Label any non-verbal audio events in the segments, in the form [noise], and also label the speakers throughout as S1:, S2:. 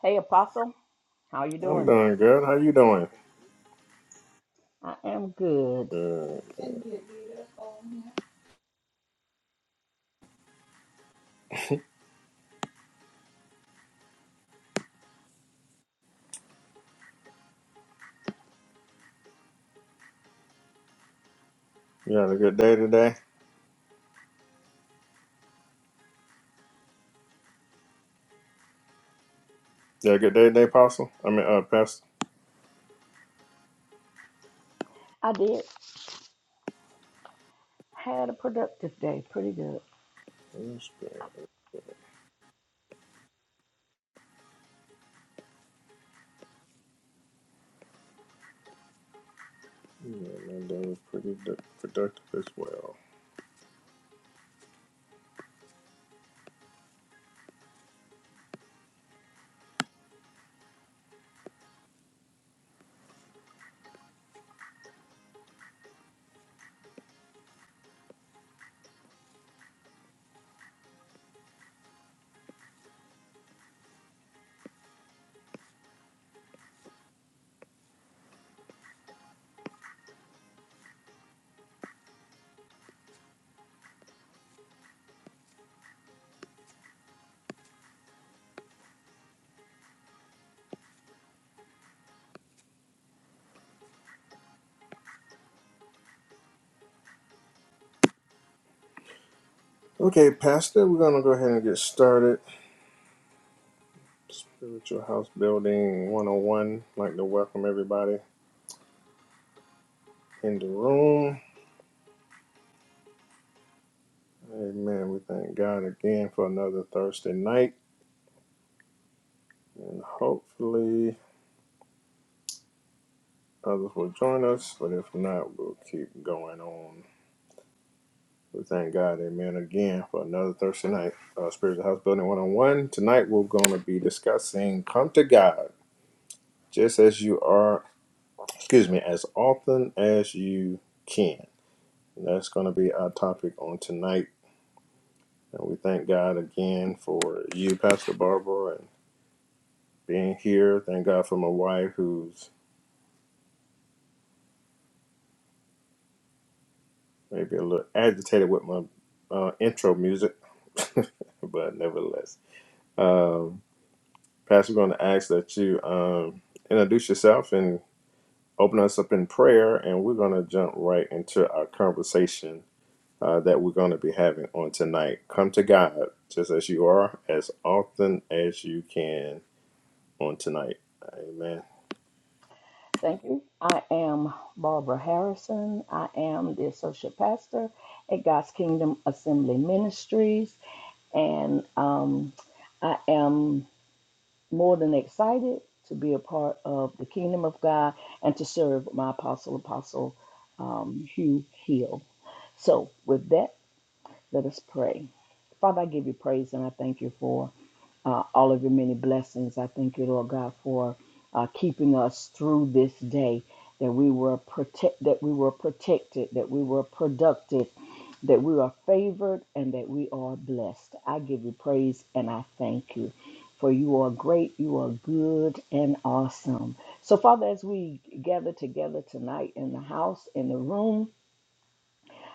S1: Hey, Apostle, how you
S2: I'm
S1: doing?
S2: doing good. How you doing?
S1: I am good.
S2: Good. You had a good day today? You had a good day today, Apostle? I mean, uh, Pastor?
S1: I did had a productive day, pretty good.
S2: That's good. Yeah, man, that was pretty d- productive as well. Okay, Pastor, we're going to go ahead and get started. Spiritual House Building 101. I'd like to welcome everybody in the room. Amen. We thank God again for another Thursday night. And hopefully others will join us. But if not, we'll keep going on We thank God, amen, again for another Thursday night. Uh, Spiritual House Building 101. Tonight we're going to be discussing come to God just as you are, excuse me, as often as you can. And that's going to be our topic on tonight. And we thank God again for you, Pastor Barbara, and being here. Thank God for my wife who's maybe a little agitated with my uh, intro music, [laughs] but nevertheless. um, Pastor, we're going to ask that you um, introduce yourself and open us up in prayer, and we're going to jump right into our conversation uh, that we're going to be having on tonight. Come to God just as you are, as often as you can on tonight. Amen.
S1: Thank you. I am Barbara Harrison. I am the associate pastor at God's Kingdom Assembly Ministries, and um, I am more than excited to be a part of the Kingdom of God and to serve my apostle, Apostle um, Hugh Hill. So, with that. Let us pray. Father, I give you praise and I thank you for uh, all of your many blessings. I thank you, Lord God, for uh, keeping us through this day that we were protect that we were protected, that we were productive, that we are favored, and that we are blessed. I give you praise and I thank you. For you are great, you are good and awesome. So, Father, as we gather together tonight in the house, in the room,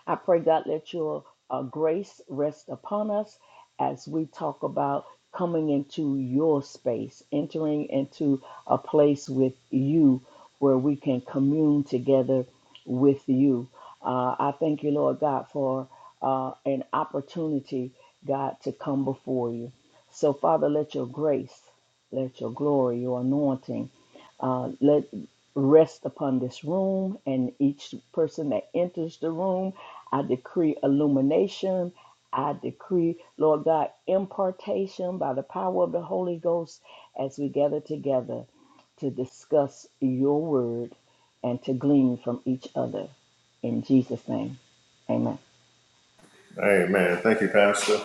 S1: I pray, God, let your uh, grace rest upon us as we talk about coming into your space, entering into a place with you where we can commune together with you. Uh, I thank you, Lord God, for uh, an opportunity, God, to come before you. So, Father, let your grace, let your glory, your anointing, uh, let rest upon this room and each person that enters the room I decree illumination. I decree, Lord God, impartation by the power of the Holy Ghost as we gather together to discuss your word and to glean from each other. In Jesus' name, amen.
S2: Amen. Thank you, Pastor.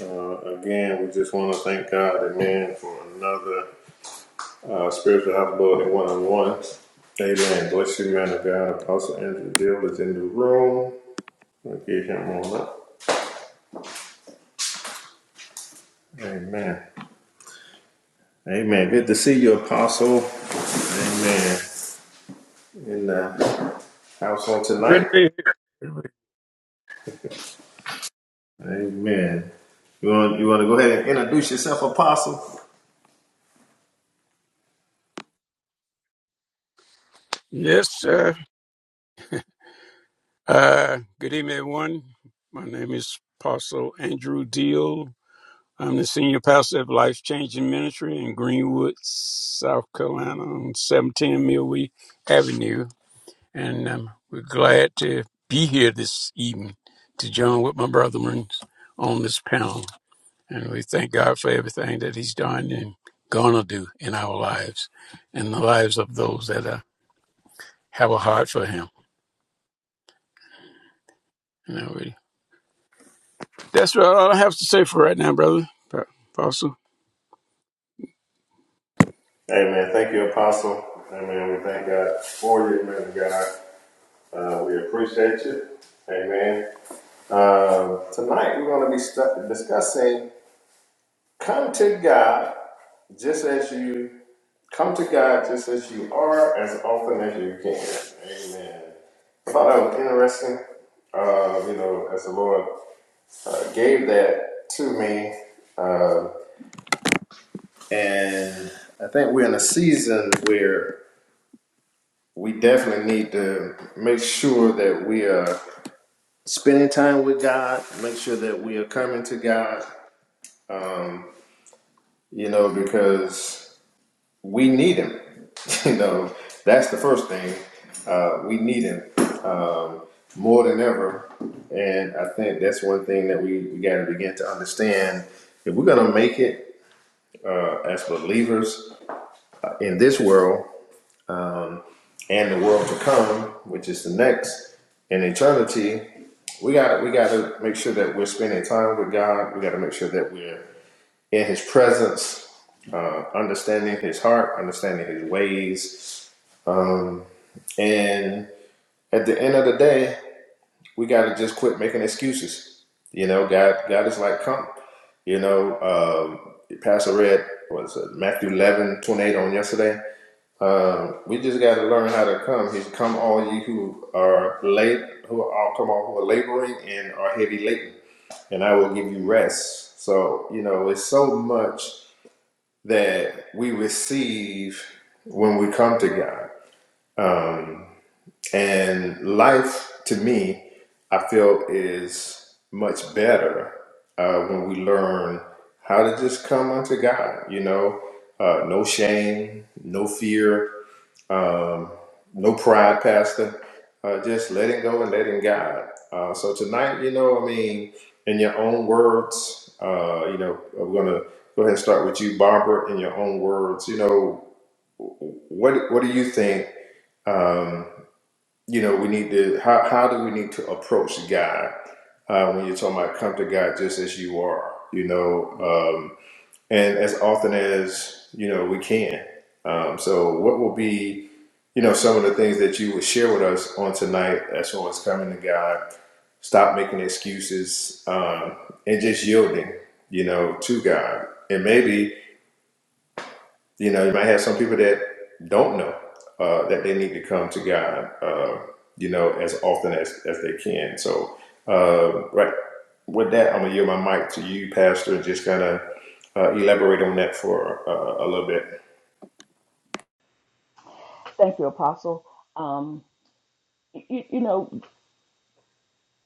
S2: Uh, again, we just want to thank God, amen, for another uh, spiritual outbuilding one on one. Amen. Bless you, man of God. Apostle Andrew Dill is in the room. We'll give him a moment. Amen. Amen. Good to see you, Apostle. Amen. In
S3: Good
S2: the house on
S3: to
S2: tonight.
S3: be here. Good to be here.
S2: Amen. You want you want to go ahead and introduce yourself, Apostle?
S3: Yes, sir. Uh, good evening, everyone. My name is Apostle Andrew Deal. I'm the senior pastor of Life Changing Ministry in Greenwood, South Carolina, on 17 Millway Avenue, and um, we're glad to be here this evening to join with my brethren on this panel. And we thank God for everything that He's done and gonna do in our lives, and the lives of those that uh, have a heart for Him. Alrighty. That's what all I have to say for right now, brother. Apostle.
S2: Amen. Thank you, Apostle. Amen. We thank God for you, man of God. Uh, we appreciate you. Amen. Um, tonight we're going to be stu- discussing Come to God just as you come to God just as you are, as often as you can. Amen. I thought that was interesting. Uh, you know, as the Lord uh, gave that to me, uh, and I think we're in a season where we definitely need to make sure that we are spending time with God. Make sure that we are coming to God. Um, you know, because we need him. [laughs] you know, that's the first thing. Uh, we need him um, more than ever, and I think that's one thing that we, we got to begin to understand. If we're gonna make it uh, as believers in this world and the world to come, which is the next in eternity, we got we gotta make sure that we're spending time with God. We gotta make sure that we're in His presence, uh, understanding His heart, understanding His ways, um, And at the end of the day, we got to just quit making excuses. You know, God, God is like, come. You know, um, Pastor read was it Matthew 11 28 on yesterday. Um, we just got to learn how to come. He's come all ye who are late, who are all come on who are laboring and are heavy laden, and I will give you rest. So you know, it's so much that we receive when we come to God. And life, to me, I feel is much better uh, when we learn how to just come unto God, you know, uh, no shame, no fear, um, no pride, Pastor, uh, just letting go and letting God. Uh, so tonight, you know, I mean, in your own words, uh, you know, I'm going to go ahead and start with you, Barbara, in your own words, you know, what, what do you think? Um, you know, we need to, how, how do we need to approach God uh, when you're talking about come to God just as you are, you know, um, and as often as, you know, we can. Um, so, what will be, you know, some of the things that you would share with us on tonight as far as coming to God, stop making excuses um, and just yielding, you know, to God. And maybe you know, you might have some people that don't know uh, that they need to come to God, uh, you know, as often as, as they can. So, uh, right with that, I'm going to yield my mic to you, Pastor, and just kind of uh, elaborate on that for uh, a little bit.
S1: Thank you, Apostle. Um, you, you know,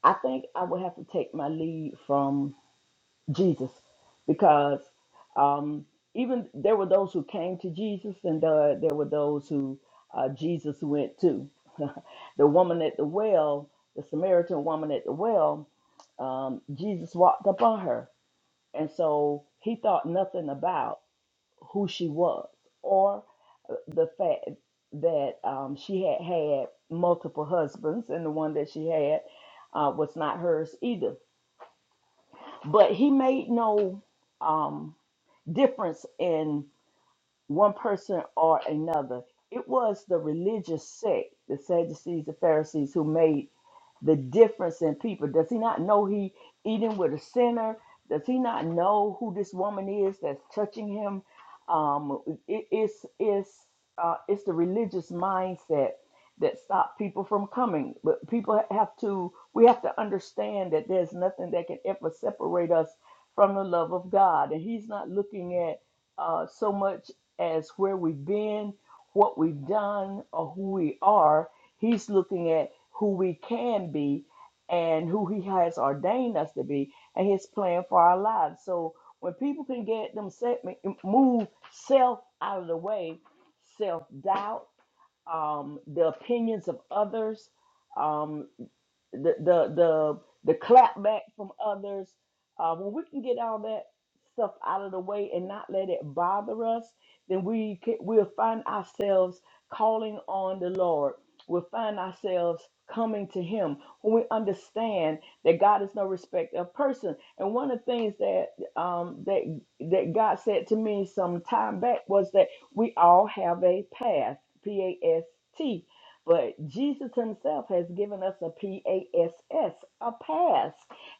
S1: I think I would have to take my lead from Jesus, because um, even there were those who came to Jesus, and uh, there were those who uh, Jesus went to. [laughs] the woman at the well, the Samaritan woman at the well, um, Jesus walked up on her, and so he thought nothing about who she was or the fact that um, she had had multiple husbands, and the one that she had uh, was not hers either. But he made no. Um, difference in one person or another. It was the religious sect, the Sadducees, the Pharisees, who made the difference in people. Does he not know he eating with a sinner? Does he not know who this woman is that's touching him? Um, it, it's it's uh, it's the religious mindset that stopped people from coming. But people have to we have to understand that there's nothing that can ever separate us from the love of God, and He's not looking at uh, so much as where we've been, what we've done, or who we are. He's looking at who we can be and who He has ordained us to be and His plan for our lives. So when people can get them set, move self out of the way, self doubt, um, the opinions of others. um, the the the the clap back from others uh, when we can get all that stuff out of the way and not let it bother us then we can, we'll find ourselves calling on the lord we'll find ourselves coming to him when we understand that god is no respect of person and one of the things that um that that god said to me some time back was that we all have a past. p-a-s-t but Jesus Himself has given us a P A S S, a pass.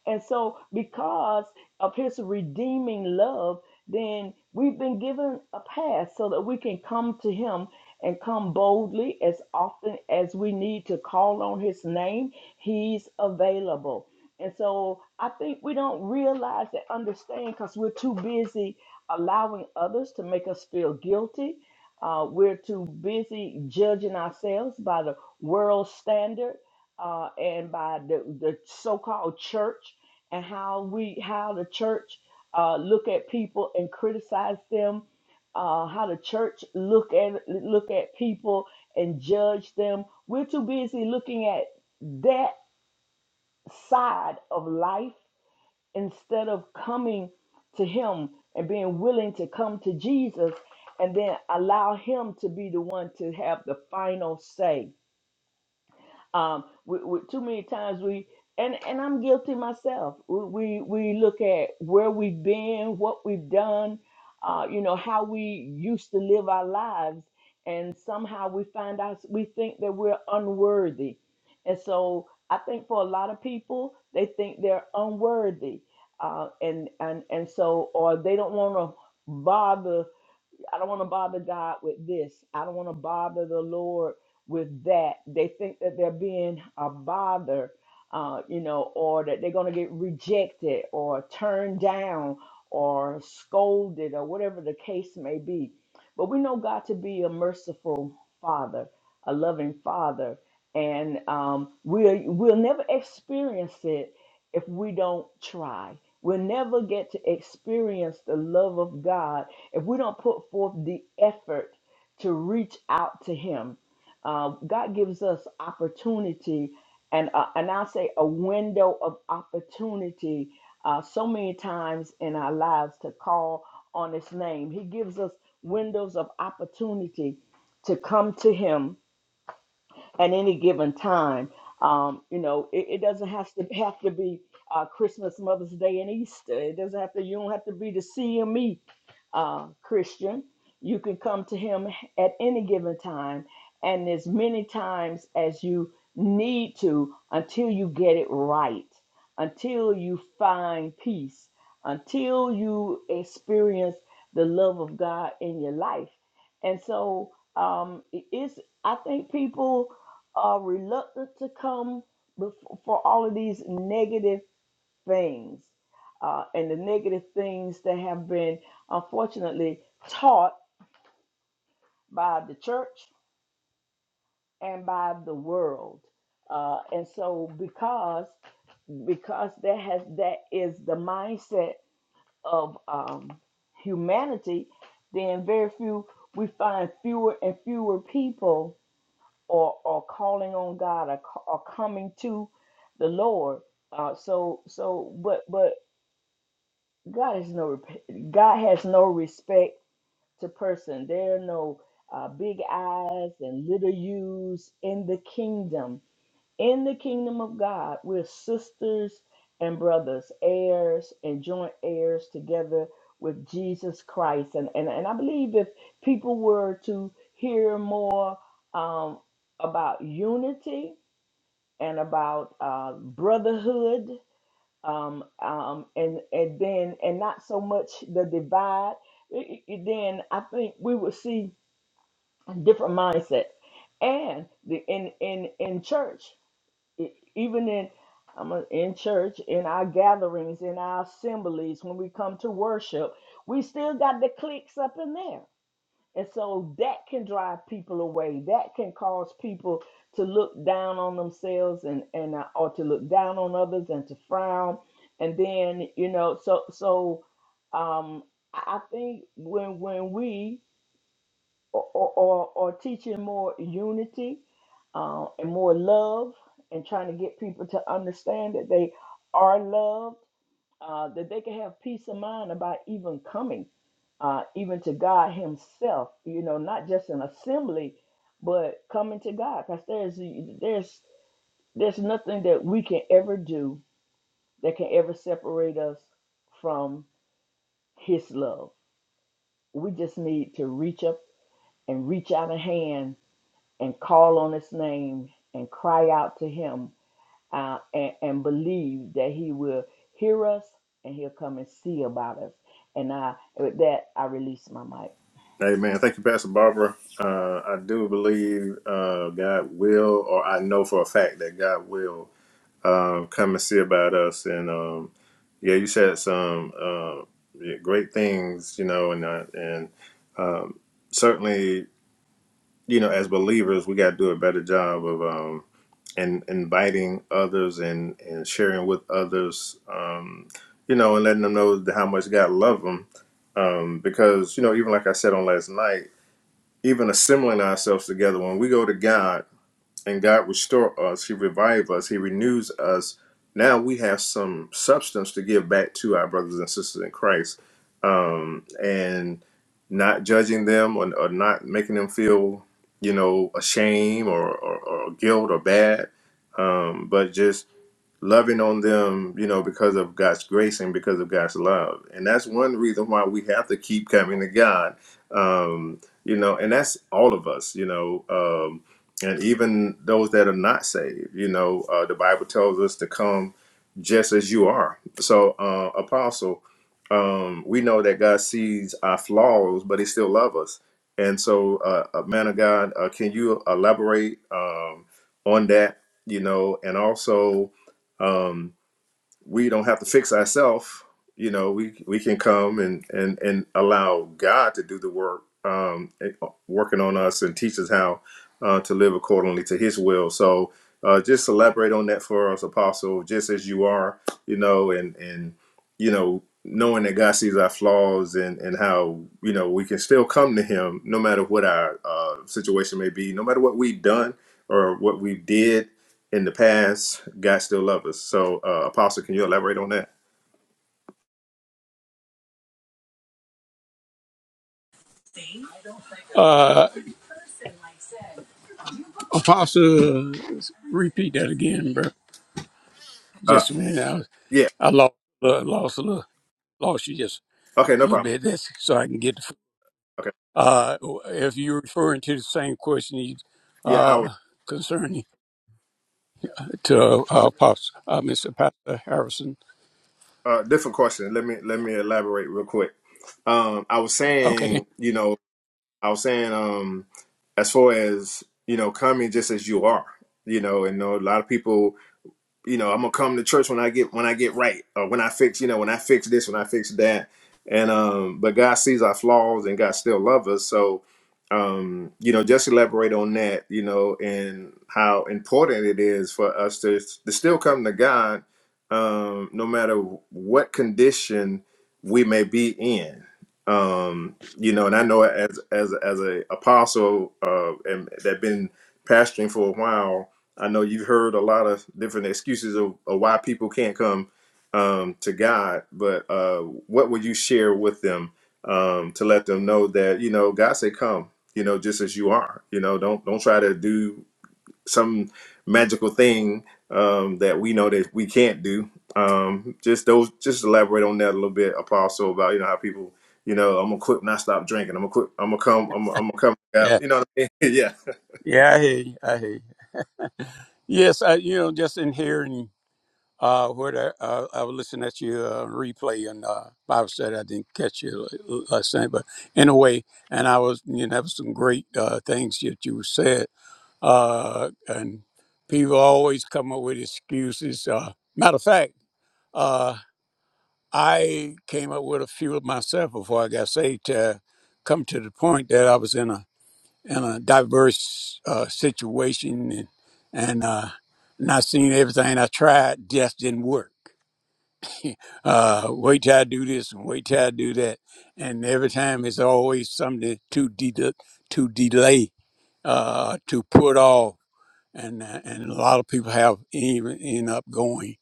S1: And so, because of His redeeming love, then we've been given a pass so that we can come to Him and come boldly as often as we need to call on His name. He's available. And so, I think we don't realize and understand because we're too busy allowing others to make us feel guilty uh, we're too busy judging ourselves by the world standard uh, and by the, the so-called church and how we how the church uh, look at people and criticize them, uh, how the church look at look at people and judge them. We're too busy looking at that side of life instead of coming to him and being willing to come to Jesus and then allow him to be the one to have the final say um, we, we, too many times we and and I'm guilty myself. We we, we look at where we've been, what we've done, uh, you know, how we used to live our lives, and somehow we find out we think that we're unworthy, and so I think for a lot of people they think they're unworthy, uh, and and and so or they don't want to bother I don't want to bother God with this. I don't want to bother the Lord with that. They think that they're being a bother, uh, you know, or that they're going to get rejected or turned down or scolded or whatever the case may be. But we know God to be a merciful Father, a loving Father, and um, we'll we'll never experience it if we don't try. We'll never get to experience the love of God if we don't put forth the effort to reach out to Him, uh, God gives us opportunity, and uh, and I'll say a window of opportunity. Uh, so many times in our lives to call on His name, He gives us windows of opportunity to come to Him at any given time. Um, you know, it, it doesn't have to have to be uh, Christmas, Mother's Day, and Easter. It doesn't have to. You don't have to be the CME uh, Christian. You can come to Him at any given time, and as many times as you need to until you get it right, until you find peace, until you experience the love of God in your life. And so um, it- it's. I think people are reluctant to come before, for all of these negative things uh, and the negative things that have been unfortunately taught by the church and by the world. Uh, and so because because that has that is the mindset of um, humanity, then very few we find fewer and fewer people or or calling on God or, ca- or coming to the Lord. Uh, so so but but God is no rep- God has no respect to person. There are no uh, big eyes and little U's in the kingdom. In the kingdom of God, we're sisters and brothers, heirs and joint heirs together with Jesus Christ. And and, and I believe if people were to hear more um, about unity and about uh, brotherhood, um, um, and and then and not so much the divide. i- i- Then I think we will see a different mindset, and the in in in church, e- even in I'm a- in church, in our gatherings, in our assemblies, when we come to worship, we still got the cliques up in there and so that can drive people away. That can cause people to look down on themselves and and uh, or to look down on others and to frown. And then you know, so so um, I I think when when we or or, or or teaching more unity uh, and more love and trying to get people to understand that they are loved uh, that they can have peace of mind about even coming, uh, even to God Himself. You know, not just an assembly, but coming to God, because there's there's there's nothing that we can ever do that can ever separate us from His love. We just need to reach up and reach out a hand and call on His name and cry out to Him uh, and, and believe that He will hear us and He'll come and see about us. And I, with that, I release my mic.
S2: Hey man, thank you, Pastor Barbara. Uh, I do believe uh, God will, or I know for a fact that God will. um, come and see about us. And um, yeah, you said some um yeah, great things, you know, and uh, and um, certainly, you know, as believers, we got to do a better job of um, in, inviting others and and sharing with others, um, you know, and letting them know that how much God loves them. Um, because you know, even like I said on last night, even assembling ourselves together when we go to God and God restore us, He revive us, He renews us. Now we have some substance to give back to our brothers and sisters in Christ, um, and not judging them or, or not making them feel, you know, ashamed or, or, or guilt or bad, um, but just loving on them, you know, because of God's grace and because of God's love. And that's one reason why we have to keep coming to God. Um, you know, and that's all of us, you know, um, and even those that are not saved, you know, uh, the Bible tells us to come just as you are. So, uh, apostle, um, we know that God sees our flaws, but he still loves us. And so, uh, uh, man of God, uh, can you elaborate um, on that, you know, and also um, we don't have to fix ourselves. You know, we we can come and and and allow God to do the work, um, eh, working on us and teach us how uh, to live accordingly to His will. So, uh, just elaborate on that for us, Apostle, just as you are. You know, and and you know, knowing that God sees our flaws and and how you know we can still come to Him no matter what our uh, situation may be, no matter what we've done or what we did in the past, God still loves us. So, uh, Apostle, can you elaborate on that?
S3: Uh, Apostle, repeat that again, bro.
S2: Uh,
S3: Just a minute.
S2: yeah.
S3: I, I lost, uh, lost a little, lost you just
S2: Okay,
S3: a
S2: no
S3: little
S2: problem.
S3: bit. That's so I can get. The,
S2: Okay.
S3: uh, if you're referring to the same question you,
S2: Yeah, I was
S3: uh, concerning to uh, Apostle, uh, Mr. Pastor Harrison.
S2: uh, different question. Let me let me elaborate real quick. Um, I was
S3: Okay. Then.
S2: saying, you know, I was saying, um, as far as you know, coming just as you are, you know, and you know a lot of people you know, I'm gonna come to church when I get when I get right, or when I fix, you know, when I fix this, when I fix that, and um, but God sees our flaws and God still loves us. So, um, you know, just elaborate on that, you know, and how important it is for us to to still come to God, um, no matter what condition we may be in. Um, you know, and I know as as as a apostle uh, and that been pastoring for a while I know you've heard a lot of different excuses of, of why people can't come um, to God, but uh, what would you share with them um, to let them know that you know God said, "Come," you know, just as you are. You know, don't don't try to do some magical thing um, that we know that we can't do. Um, just those, just elaborate on that a little bit, Apostle, about you know how people, you know, I'm gonna quit and I stop drinking. I'm gonna quit. I'm gonna come. I'm, I'm gonna come.
S3: Yeah.
S2: out," You know, what I mean? [laughs]
S3: Yeah. I hear you. I hear you. Yes. I, you know, just inhering. Uh, where I, uh, I was listening at your uh, replay and uh, Bible study. I didn't catch you last night, but anyway, and I was you know, have some great uh, things that you said. Uh, and people always come up with excuses. Uh, matter of fact, uh, I came up with a few of myself before I got saved to come to the point that I was in a in a diverse uh, situation and and uh, not seeing everything I tried just didn't work uh, wait till I do this and wait till I do that. And every time it's always something to, de- to delay, uh, to put off and uh, and a lot of people have even end up going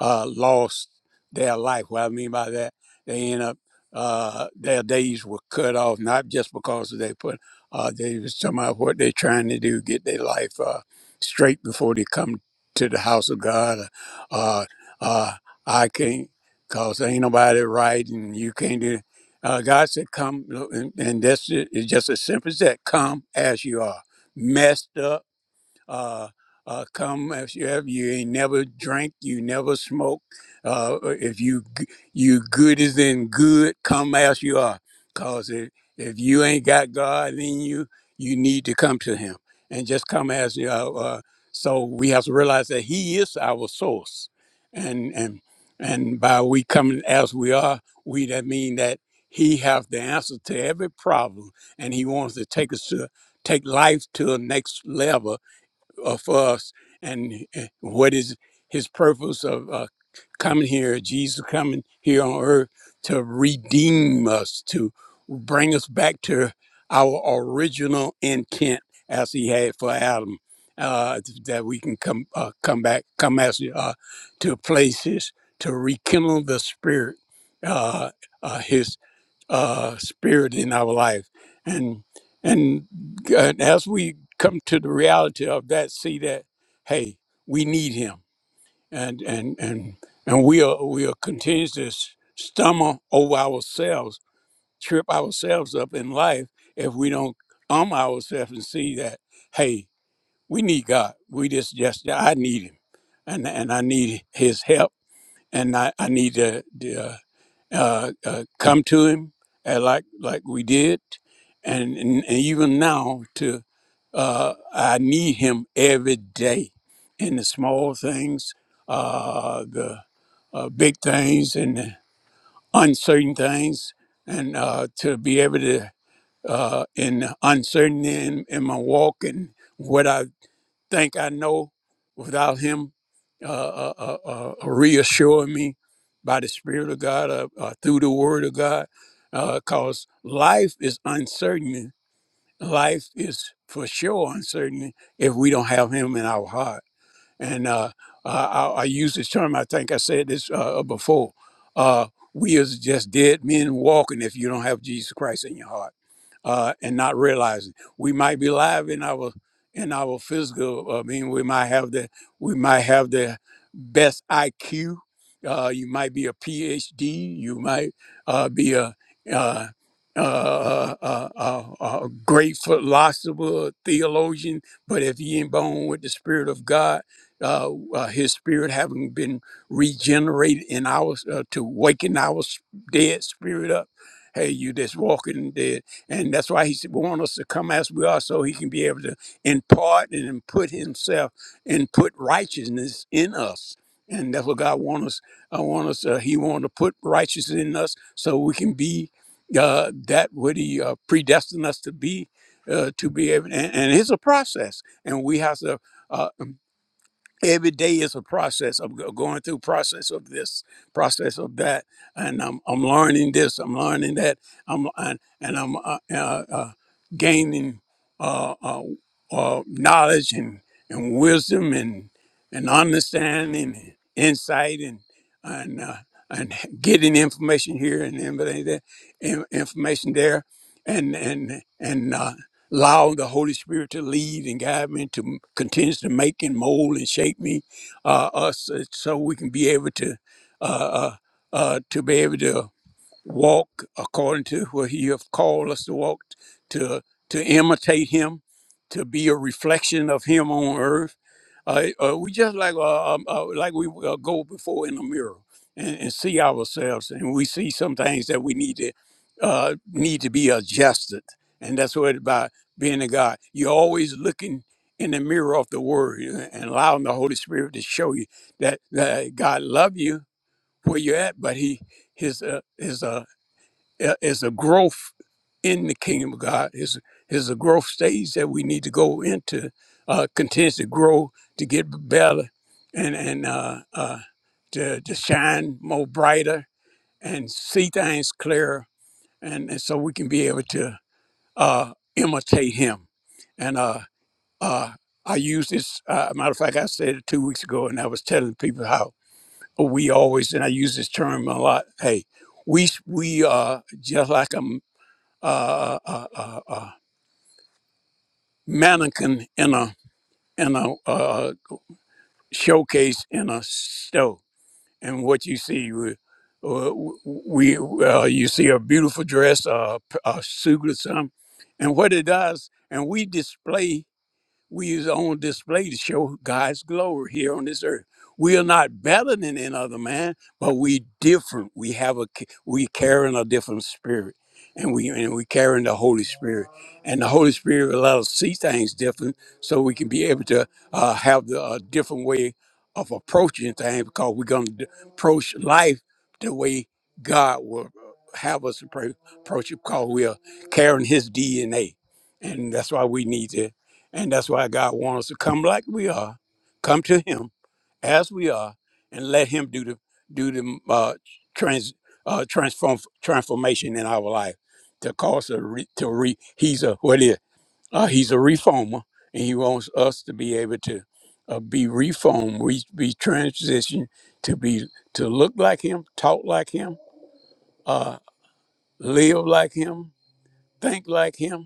S3: uh, lost their life. What I mean by that, they end up uh, their days were cut off not just because they put uh, they was talking about what they're trying to do, get their life uh, straight before they come to the house of God. Uh, uh, I can't cause ain't nobody right, and you can't do. Uh, God said, "Come," and, and that's it. It's just as simple as that. Come as you are, messed up uh, uh, come if you have you ain't never drank you never smoke uh, uh, if you g- you good as in good come as you are cause if, if you ain't got god in you you need to come to him and just come as you are uh, so we have to realize that he is our source and and and by we coming as we are we that mean that he have the answer to every problem and he wants to take us to take life to a next level uh, for us and uh, what is his purpose of uh, coming here, Jesus coming here on earth to redeem us, to bring us back to our original intent as he had for Adam, uh, that we can come uh, come back, come as uh, to places to rekindle the spirit, uh, uh, his uh, spirit in our life, and and and as we come to the reality of that, see that hey, we need Him, and and and and we are we are continues to s- stumble over ourselves, trip ourselves up in life if we don't arm ourselves and see that hey, we need God. We just just I need Him, and and I need His help, and I I need the the uh, uh, come to him uh, like like we did, and, and, and even now to uh, I need him every day in the small things, uh, the uh, big things, and the uncertain things, and uh, to be able to uh, in uncertainty in, in my walk and what I think I know without him uh, uh, uh, uh, uh, reassuring me by the Spirit of God uh, uh, through the Word of God. Because life is uncertain. Life is for sure uncertain if we don't have him in our heart and uh, uh, I, I use this term. I think I said this uh, uh, before. Uh, we is just dead men walking if you don't have Jesus Christ in your heart uh, and not realizing we might be alive in our in our physical. uh, I mean, we might have the we might have the best IQ. Uh, you might be a PhD. You might uh, be a uh, uh, uh, uh, uh, great philosopher, theologian, but if you ain't born with the Spirit of God, uh, uh, his spirit having been regenerated in our uh, to waken our s- dead spirit up. Hey, you that's walking dead, and that's why he wants us to come as we are, so he can be able to impart and then put himself and put righteousness in us, and that's what God wants us. I want us. Uh, he want to put righteousness in us, so we can be uh, that what he uh, predestined us to be, uh, to be able. And, and it's a process, and we have to. Uh, every day is a process of go- going through process of this process of that and i'm, I'm learning this i'm learning that i'm and, and i'm uh, uh, uh, gaining uh, uh, uh, knowledge and, and wisdom and and understanding and insight and and uh, and getting information here and everything there in- information there and and and uh, allowing the Holy Spirit to lead and guide me to m- continue to make and mold and shape me, uh, us, uh, so we can be able to, uh, uh, uh, to be able to walk according to what he have called us to walk to to imitate him to be a reflection of him on earth uh, uh, we just like uh, um, uh, like we uh, go before in the mirror and, and see ourselves and we see some things that we need to uh, need to be adjusted and that's what it's about being a god you're always looking in the mirror of the word uh, and allowing the holy spirit to show you that, that god love you where you're at but he his uh, his uh, uh, is a growth in the kingdom of God. Is is a growth stage that we need to go into, uh, continues to grow, to get better, and and uh, uh, to to shine more brighter and see things clearer, and, and so we can be able to uh, imitate Him. And uh, uh, I use this. Uh, matter of fact, I said it two weeks ago, and I was telling people how we always, and I use this term a lot. Hey, we we are just like a uh, uh, uh, uh, mannequin in a in a uh, showcase in a store, and what you see we uh, we uh, you see a beautiful dress, uh, p- a suit or something, and what it does, and we display We is on display to show God's glory here on this earth. We are not better than any other man, but we different. We have a ca- we carrying a different spirit, and we and we carrying the Holy Spirit, and the Holy Spirit will let us see things different, so we can be able to uh, have the uh, different way of approaching things because we're going to approach life the way God will uh, have us appro- approach it because we are carrying His DNA, and that's why we need to and that's why God wants us to come like we are, come to Him as we are, and let Him do the do the mm, uh, trans uh, transform transformation in our life to cause a re, to re. He's a what is uh, He's a reformer, and He wants us to be able to uh, be reformed, we be transitioned to be to look like Him, talk like Him, uh, live like Him, think like Him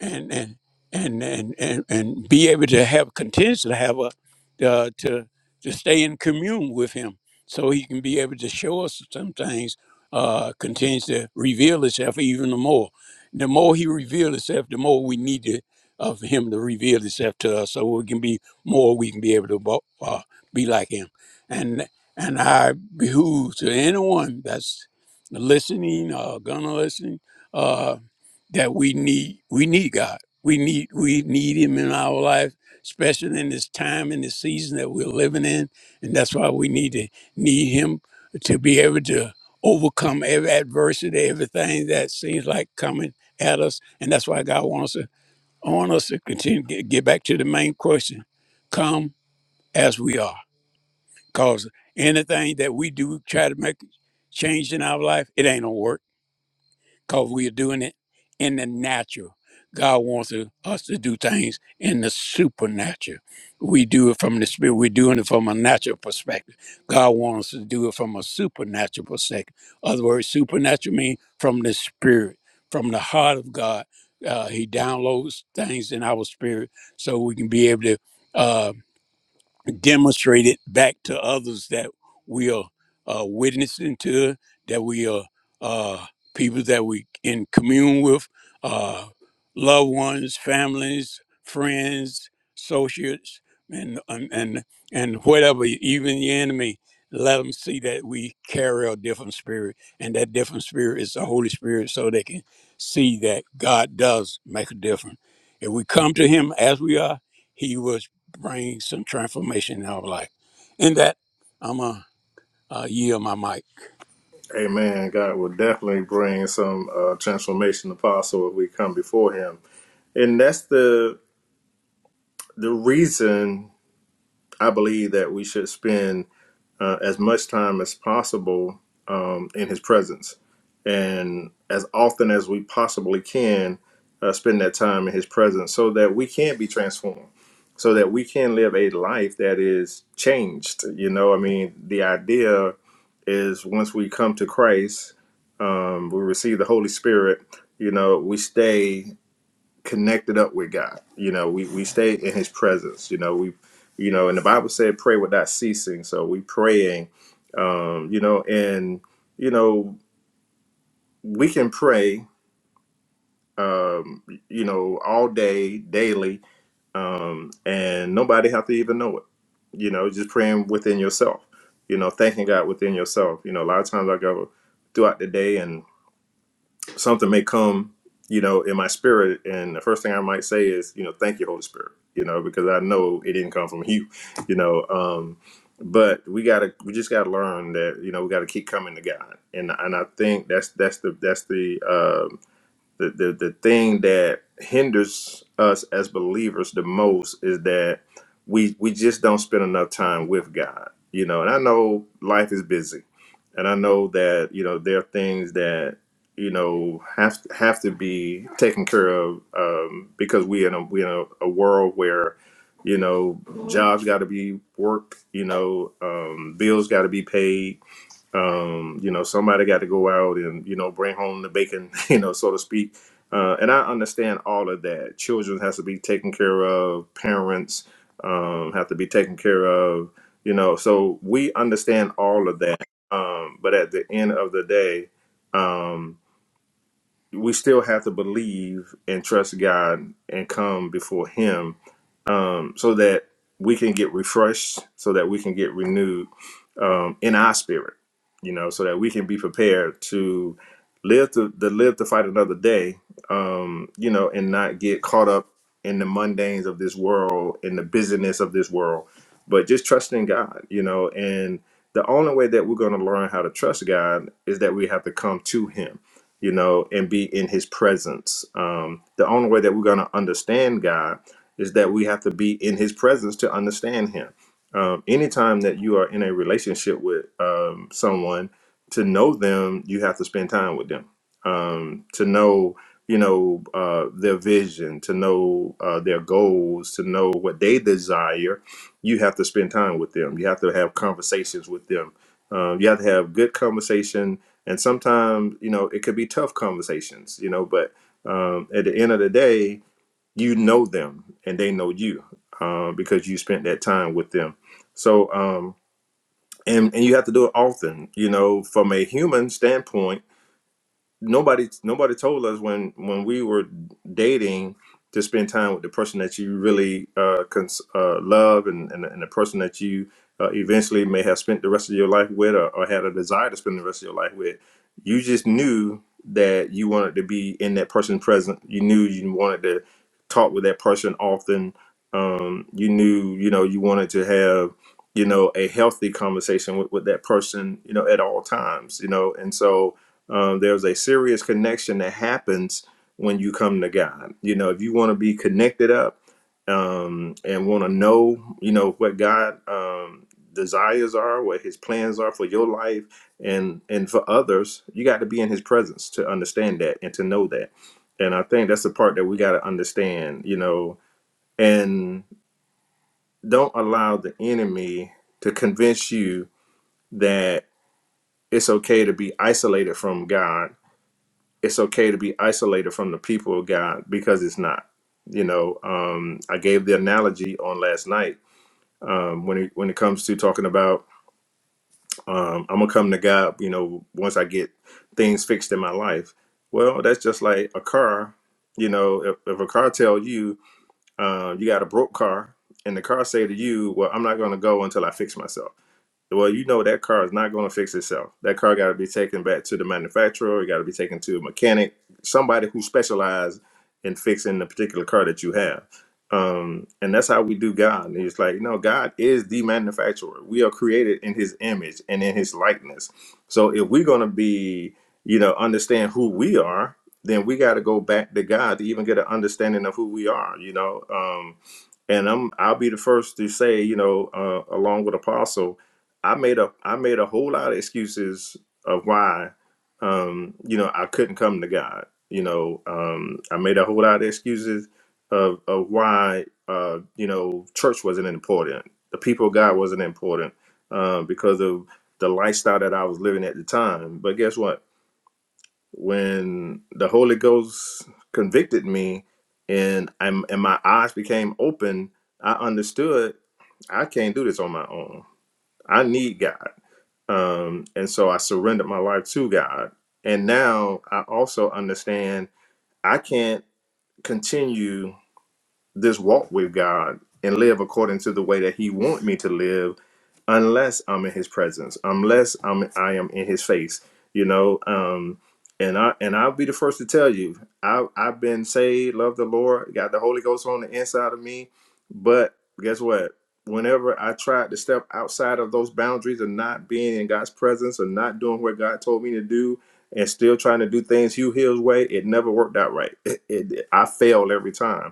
S3: and and and and and, and be able to have continue to have a uh, to to stay in commune with him, so he can be able to show us some things. Uh, continues to reveal himself even the more. The more he reveals himself, the more we need to, of him to reveal himself to us, so we can be more. We can be able to bo- uh, be like him, and and I behoove to anyone that's listening or gonna listen. uh, that we need we need God. We need we need him in our life, especially in this time and this season that we're living in. And that's why we need to need him to be able to overcome every adversity, everything that seems like coming at us. And that's why God wants us I want us to continue to get, get back to the main question. Come as we are. Because anything that we do try to make change in our life, it ain't gonna work because we are doing it in the natural. God wants to- us to do things in the supernatural. We do it from the spirit. We're doing it from a natural perspective. God wants us to do it from a supernatural perspective. Other words, supernatural means from the spirit, from the heart of God. Uh, he downloads things in our spirit so we can be able to. uh, demonstrate it back to others that we are uh, witnessing to, that we are uh, people that we in commune with, uh, loved ones, families, friends, associates, and and and, and whatever, even the enemy. Let them see that we carry a different spirit, and that different spirit is the Holy Spirit, so they can see that God does make a difference. If we come to Him as we are, He will bring some transformation in our life. In that, I'm going to uh, yield my mic.
S2: Amen. God will definitely bring some uh, transformation apostle if we come before him. And that's the the reason I believe that we should spend uh, as much time as possible um, in His presence, and as often as we possibly can, uh, spend that time in His presence, so that we can be transformed, so that we can live a life that is changed. You know, I mean, the idea is once we come to Christ, um, we receive the Holy Spirit. You know, we stay connected up with God. You know, we we stay in His presence. You know, we you know, and the Bible said pray without ceasing. So we praying. Um, you know, and you know we can pray. Um, you know, all day, daily, um, and nobody have to even know it. You know, just praying within yourself. You know, thanking God within yourself. You know, a lot of times I go throughout the day something may come, you know, in my spirit, and the first thing I might say is, you know, thank you, Holy Spirit, you know, because I know it didn't come from [laughs] you, you know. Um, but we gotta, we just gotta learn that, you know, we gotta keep coming to God, and and I think that's that's the that's the um, the, the, the thing that hinders us as believers the most is that we we just don't spend enough time with God. You know, and I know life is busy. And I know that, you know, there are things that, you know, have have to be taken care of um, because we in a we in a, a world where, you know, jobs gotta be worked, you know, um, bills gotta be paid, um, you know, somebody got to go out and you know bring home the bacon, [laughs] you know, so to speak. Uh, and I understand all of that. Children has to be taken care of. Parents um, have to be taken care of. You know, so we understand all of that. Um, but at the end of the day, um, we still have to believe and trust God and come before Him um, so that we can get refreshed, so that we can get renewed um, in our spirit, you know, so that we can be prepared to live to, to live to fight another day, um, you know, and not get caught up in the mundanes of this world, in the busyness of this world, but just trusting God, you know, and the only way that we're going to learn how to trust God is that we have to come to Him you know, and be in his presence. Um, the only way that we're going to understand God is that we have to be in his presence to understand him. Um, anytime that you are in a relationship with um, someone, to know them, you have to spend time with them. Um, to know, you know, uh, their vision, to know uh, their goals, to know what they desire, you have to spend time with them. You have to have conversations with them. Um, you have to have good conversation and sometimes you know it could be tough conversations you know but um, at the end of the day you know them and they know you um, because you spent that time with them so um, and and you have to do it often you know from a human standpoint nobody nobody told us when when we were dating to spend time with the person that you really uh, cons- uh, love and, and and the person that you uh, eventually may have spent the rest of your life with or, or had a desire to spend the rest of your life with. You just knew that you wanted to be in that person's present. You knew you wanted to talk with that person often. Um, you knew you know you wanted to have you know a healthy conversation with, with that person you know at all times you know and so um, there's a serious connection that happens when you come to God. You know, if you want to be connected up um, and want to know, you know, what God um, desires are, what His plans are for your life and and for others, you got to be in His presence to understand that and to know that. And I think that's the part that we got to understand. You know, and don't allow the enemy to convince you that it's okay to be isolated from God it's okay to be isolated from the people of God because it's not. You know, um, I gave the analogy on last night um, when it, when it comes to talking about um, I'm gonna come to God. You know, once I get things fixed in my life. Well, that's just like a car. You know, if, if a car tell you uh, you got a broke car, and the car say to you, "Well, I'm not gonna go until I fix myself." Well, you know that car is not going to fix itself. That car got to be taken back to the manufacturer. It got to be taken to a mechanic, somebody who specializes in fixing the particular car that you have. Um, and that's how we do God. And It's like, no, God is the manufacturer. We are created in His image and in His likeness. So if we're going to be, you know, understand who we are, then we got to go back to God to even get an understanding of who we are. You know, um, and I'm I'll be the first to say, you know, uh, along with Apostle, I made a I made a whole lot of excuses of why, um, you know, I couldn't come to God. You know, um, I made a whole lot of excuses of of why, uh, you know, church wasn't important, the people of God wasn't important, uh, because of the lifestyle that I was living at the time. But guess what? when the Holy Ghost convicted me and I'm and my eyes became open, I understood I can't do this on my own. I need God. Um, and so I surrendered my life to God. And now I also understand I can't continue this walk with God and live according to the way that He want me to live, unless I'm in His presence, unless I'm I am in His face, you know. Um, and I and I'll be the first to tell you, I I've been saved, love the Lord, got the Holy Ghost on the inside of me, but guess what? Whenever I tried to step outside of those boundaries of not being in God's presence or not doing what God told me to do, and still trying to do things Hugh Hill's way, it never worked out right. [laughs] [clears throat] It, it I failed every time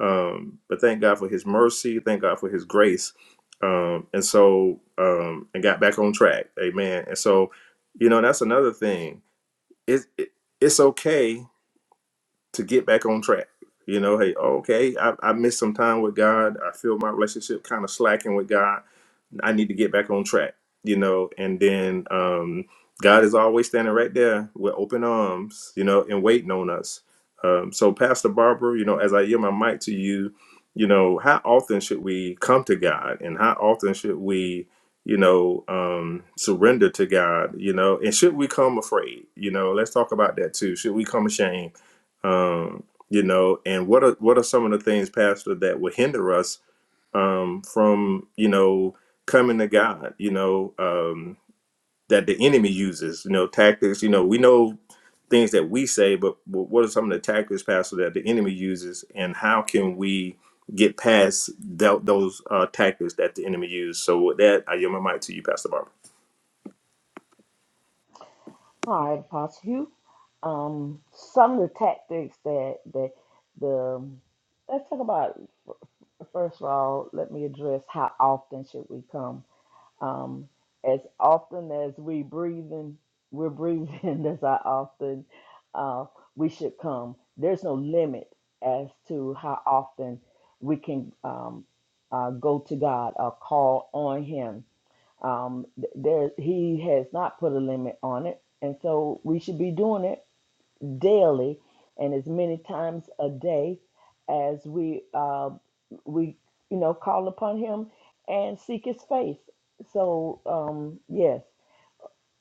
S2: um, but thank God for His mercy. Thank God for His grace. Um, and so, um, and got back on track. Amen. And so, you know, that's another thing. It, it it's okay to get back on track. You know, hey, okay, I, I missed some time with God. I feel my relationship kind of slacking with God I need to get back on track, you know. And then um, God is always standing right there with open arms, you know, and waiting on us. Um, so, Pastor Barbara, you know, as I yield my mic to you, you know, how often should we come to God, and how often should we, you know, um, surrender to God, you know, and should we come afraid, you know? Let's talk about that too. Should we come ashamed, um, you know? And what are what are some of the things, Pastor, that would hinder us? um, from you know coming to God. You know um, that the enemy uses. You know tactics. You know we know things that we say, but wh- what are some of the tactics, Pastor, that the enemy uses, and how can we get past tho- those uh, tactics that the enemy uses? So with that, I yield my mic to you, Pastor Barbara.
S1: All right, Apostle Hugh. Um, some of the tactics that that the let's talk about first of all. Let me address how often should we come. Um, as often as we breathing, we're breathing. [laughs] That's how often uh, we should come. There's no limit as to how often we can um, uh, go to God or call on Him. Um, th- there, He has not put a limit on it, and so we should be doing it daily and as many times a day as we uh, we you know call upon him and seek his face so um yes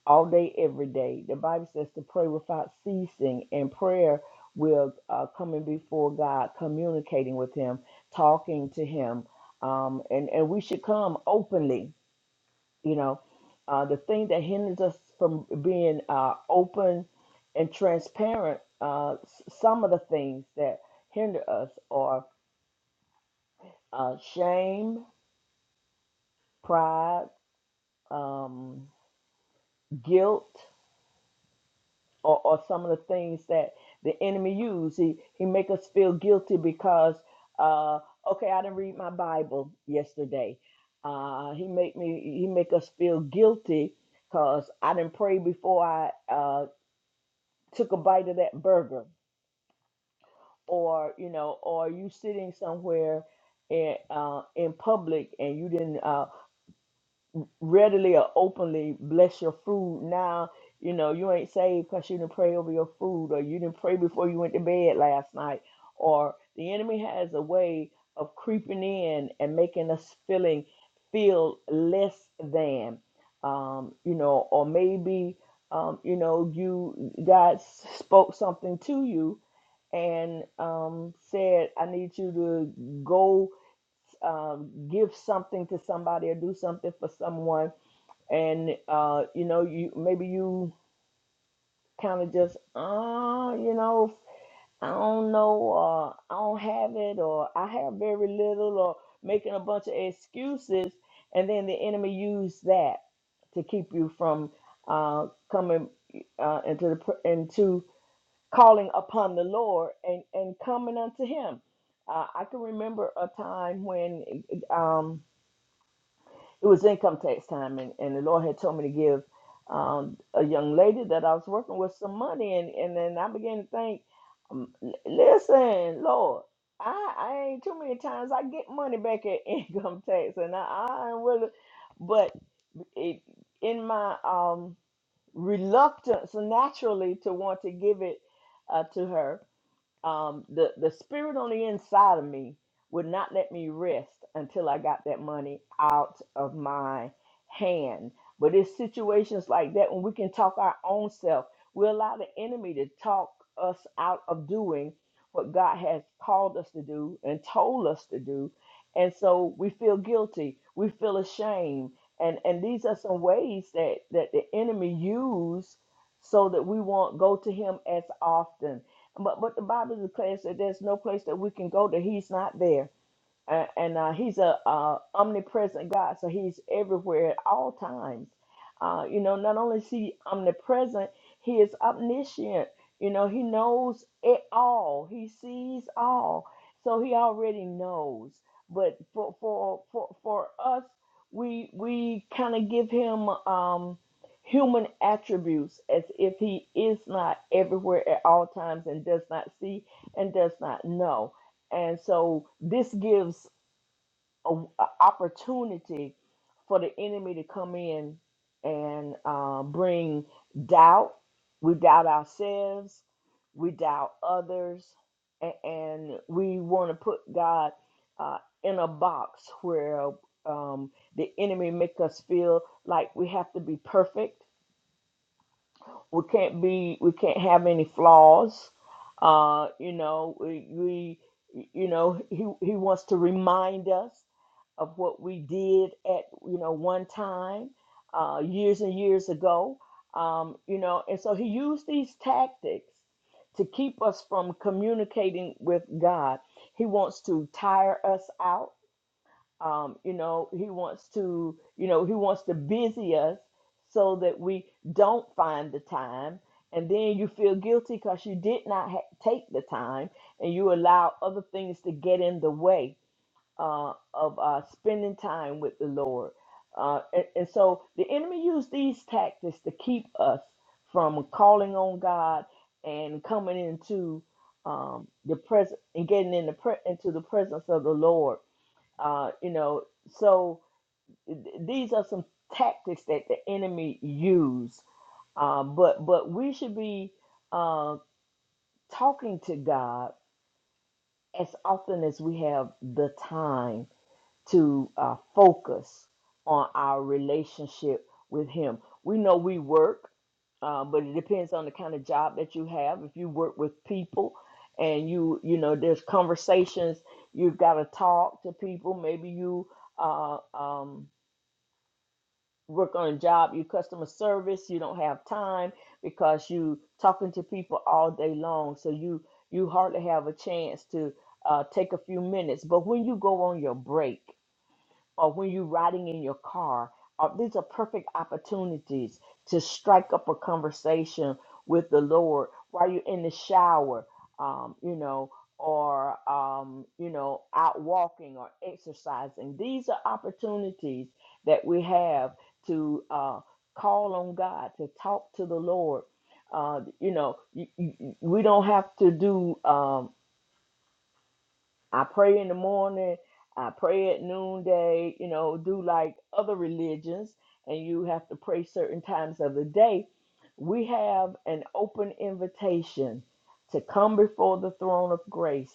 S1: all day every day the bible says to pray without ceasing and prayer will uh, coming before god communicating with him talking to him um and and we should come openly you know, uh, the thing that hinders us from being uh, open and transparent, uh, s- some of the things that hinder us are uh, shame, pride, um, guilt, or, or some of the things that the enemy uses. He, he make us feel guilty because, uh, okay, I didn't read my Bible yesterday. Uh, he make me, he make us feel guilty because I didn't pray before I uh, took a bite of that burger or you know or you sitting somewhere in, uh, in public and you didn't uh, readily or openly bless your food now you know you ain't saved because you didn't pray over your food or you didn't pray before you went to bed last night or the enemy has a way of creeping in and making us feeling feel less than um, you know or maybe um, you know you god spoke something to you and um, said, I need you to go um, give something to somebody or do something for someone. And, uh, you know, you maybe you kind of just, uh, you know, I don't know, uh, I don't have it, or I have very little, or making a bunch of excuses. And then the enemy used that to keep you from uh, coming uh, into the pr- into calling upon the Lord and, and coming unto Him. Uh, I can remember a time when um, it was income tax time, and, and the Lord had told me to give um, a young lady that I was working with some money, and, and then I began to think, um, l- listen, Lord. I, I ain't too many times I get money back at [laughs] income tax and I, I ain't really but it, in my um reluctance naturally to want to give it uh, to her um, the the spirit on the inside of me would not let me rest until I got that money out of my hand. But it's situations like that when we can talk our own self. We allow the enemy to talk us out of doing what God has called us to do and told us to do, and so we feel guilty. We feel ashamed, and and these are some ways that that the enemy use so that we won't go to him as often but but the Bible declares that there's no place that we can go that He's not there. A- and uh, he's a, uh omnipresent God, so he's everywhere at all times. Uh, you know, not only is he omnipresent, he is omniscient. You know, he knows it all. He sees all, so he already knows. But for for for, for us, we we kind of give him um, human attributes as if he is not everywhere at all times and does not see and does not know. And so this gives a, a opportunity for the enemy to come in and uh, bring doubt. We doubt ourselves, we doubt others, and, and we want to put God uh, in a box where um, the enemy make us feel like we have to be perfect we can't be we can't have any flaws uh you know we, we you know he he wants to remind us of what we did at you know one time uh years and years ago um you know and so he used these tactics to keep us from communicating with God he wants to tire us out um, you know he wants to you know he wants to busy us so that we don't find the time and then you feel guilty because you did not ha- take the time and you allow other things to get in the way uh, of uh, spending time with the lord uh, and, and so the enemy used these tactics to keep us from calling on god and coming into um, the presence and getting in the pre- into the presence of the lord uh, you know, so th- these are some tactics that the enemy use. Uh, but but we should be uh, talking to God as often as we have the time to uh, focus on our relationship with Him. We know we work, uh, but it depends on the kind of job that you have. If you work with people, and you you know there's conversations you've got to talk to people. Maybe you uh, um, work on a job, you customer service, you don't have time because you talking to people all day long. So you you hardly have a chance to uh, take a few minutes. But when you go on your break, or when you're riding in your car. Uh, these are perfect opportunities to strike up a conversation with the Lord while you're in the shower, um, you know, or, um, you know, out walking or exercising. These are opportunities that we have to uh, call on God, to talk to the Lord. Uh, you know, you, you, you- we don't have to do. Um, I pray in the morning, I pray at noonday, you know, do like other religions, and you have to pray certain times of the day. We have an open invitation to come before the throne of grace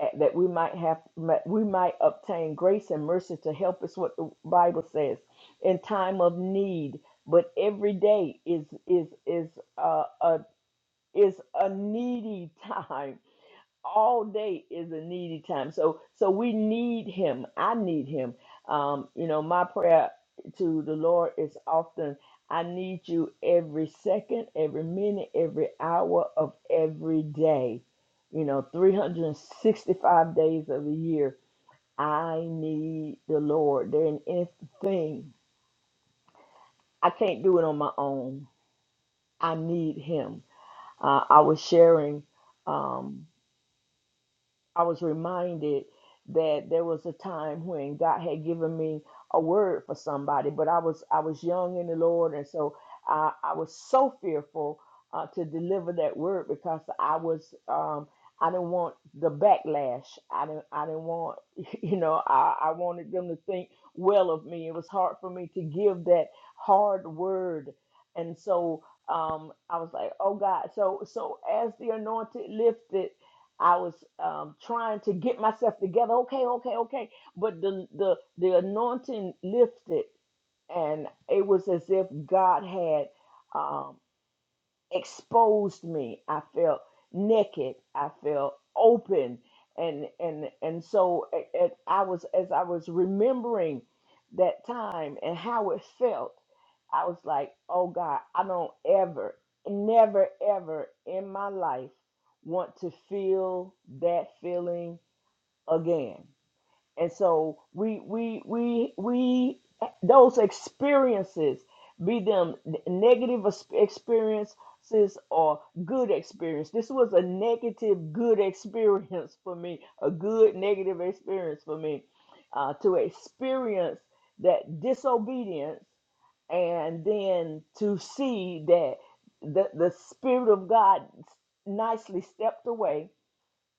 S1: eh, that we might have might- we might obtain grace and mercy to help us what the bible says in time of need but every day is is is uh, a is a needy [laughs] time all day is a needy time. So so we need him. I need him. Um, you know, my prayer to the Lord is often I need you every second, every minute, every hour of every day. You know, 365 days of the year. I need the Lord. There ain't anything. I can't do it on my own. I need him. Uh, I was sharing um, I was reminded that there was a time when God had given me a word for somebody, but I was I was young in the Lord, and so I, I was so fearful uh, to deliver that word because I was um, I didn't want the backlash. I didn't I didn't want [laughs] you know I, I wanted them to think well of me. It was hard for me to give that hard word, and so um, I was like, oh God. So so as the anointed lifted. I was um, trying to get myself together. Okay, okay, okay. But the the the anointing lifted, and it was as if God had. um, exposed me. I felt naked. I felt open, and and and so a- a- I was as I was remembering that time and how it felt. I was like, oh God, I don't ever, never, ever in my life want to feel that feeling again. And so we we we we those experiences, be them negative ex- experiences or good experience. This was a negative good experience for me, a good negative experience for me, uh, to experience that disobedience and then to see that the the spirit of God nicely stepped away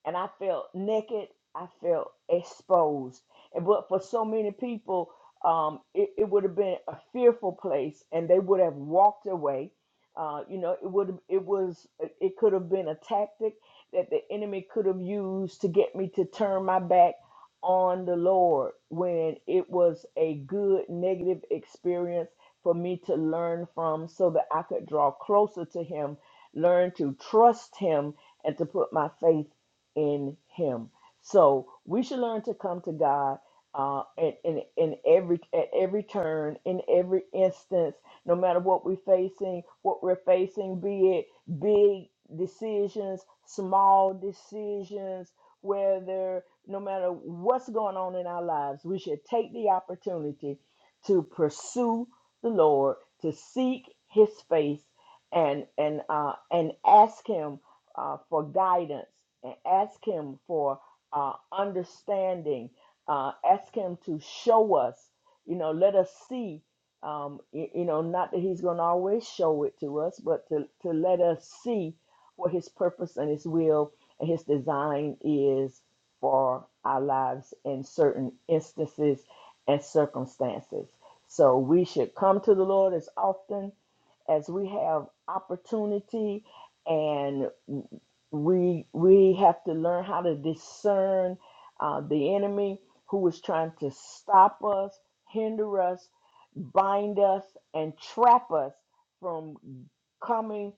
S1: and I felt naked. I felt exposed. And but for so many people, um, it, it would have been a fearful place, and they would have walked away. Uh, you know, it would it was it could have been a tactic that the enemy could have used to get me to turn my back on the Lord when it was a good negative experience for me to learn from, so that I could draw closer to Him, learn to trust Him, and to put my faith in Him. So we should learn to come to God uh, in, in in every at every turn, in every instance, no matter what we're facing, what we're facing, be it big decisions, small decisions, whether no matter what's going on in our lives, we should take the opportunity to pursue the Lord, to seek His face, and and uh, and ask Him uh, for guidance and ask Him for uh, understanding. Uh, ask Him to show us, you know, let us see, um, y- you know, not that He's going to always show it to us, but to, to let us see what His purpose and His will and His design is for our lives in certain instances and circumstances. So we should come to the Lord as often as we have opportunity and we we have to learn how to discern uh, the enemy who is trying to stop us, hinder us, bind us, and trap us from coming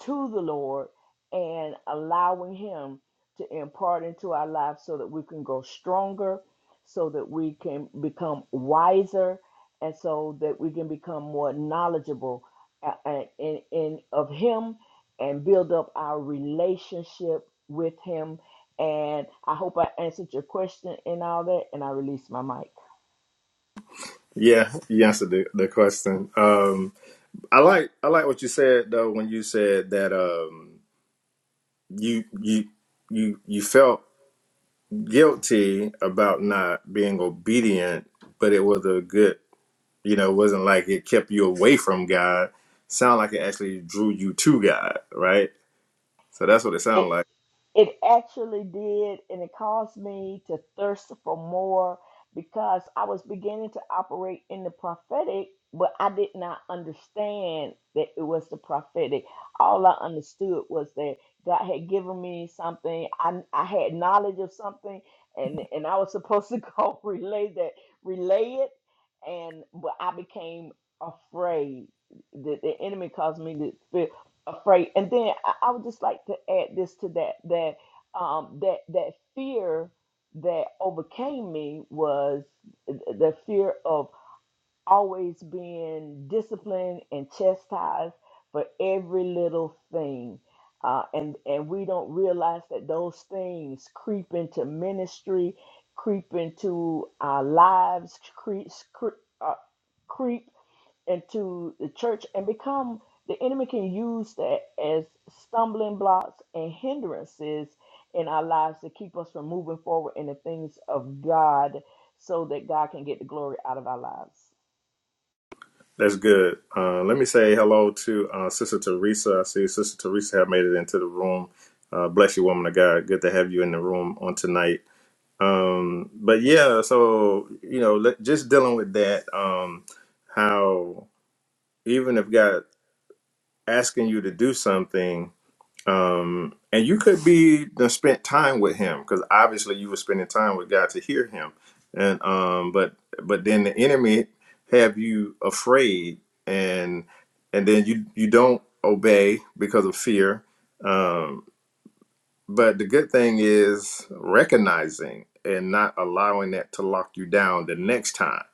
S1: to the Lord and allowing Him to impart into our lives so that we can grow stronger, so that we can become wiser, and so that we can become more knowledgeable uh, uh, in, in of Him and build up our relationship with Him. And I hope I answered your question and all that, and I release my mic.
S2: Yeah, you answered the, the question. Um, I like I like what you said though when you said that um, you you you you felt guilty about not being obedient, but it was a good, you know, it wasn't like it kept you away from God. Sound like it actually drew you to God, right? So that's what it sounded like.
S1: It actually did, and it caused me to thirst for more because I was beginning to operate in the prophetic, but I did not understand that it was the prophetic. All I understood was that God had given me something. I, I had knowledge of something, and, and I was supposed to [laughs] go relay that, relay it, and but I became afraid. The, the enemy caused me to feel afraid. And then I, I would just like to add this to that that um, that that fear that overcame me was the fear of always being disciplined and chastised for every little thing. Uh, and and we don't realize that those things creep into ministry, creep into our lives, creep, creep, uh, creep into the church and become the enemy can use that as stumbling blocks and hindrances in our lives to keep us from moving forward in the things of God so that God can get the glory out of our lives.
S2: That's good. Uh, let me say hello to uh, Sister Teresa. I see Sister Teresa have made it into the room. Uh, bless you, woman of God. Good to have you in the room on tonight. Um, but yeah, so you know, let, just dealing with that. Um, how even if God asking you to do something, um, and you could be done spent time with him because obviously you were spending time with God to hear him, and um, but but then the enemy have you afraid, and and then you you don't obey because of fear, Um, but the good thing is recognizing and not allowing that to lock you down the next time.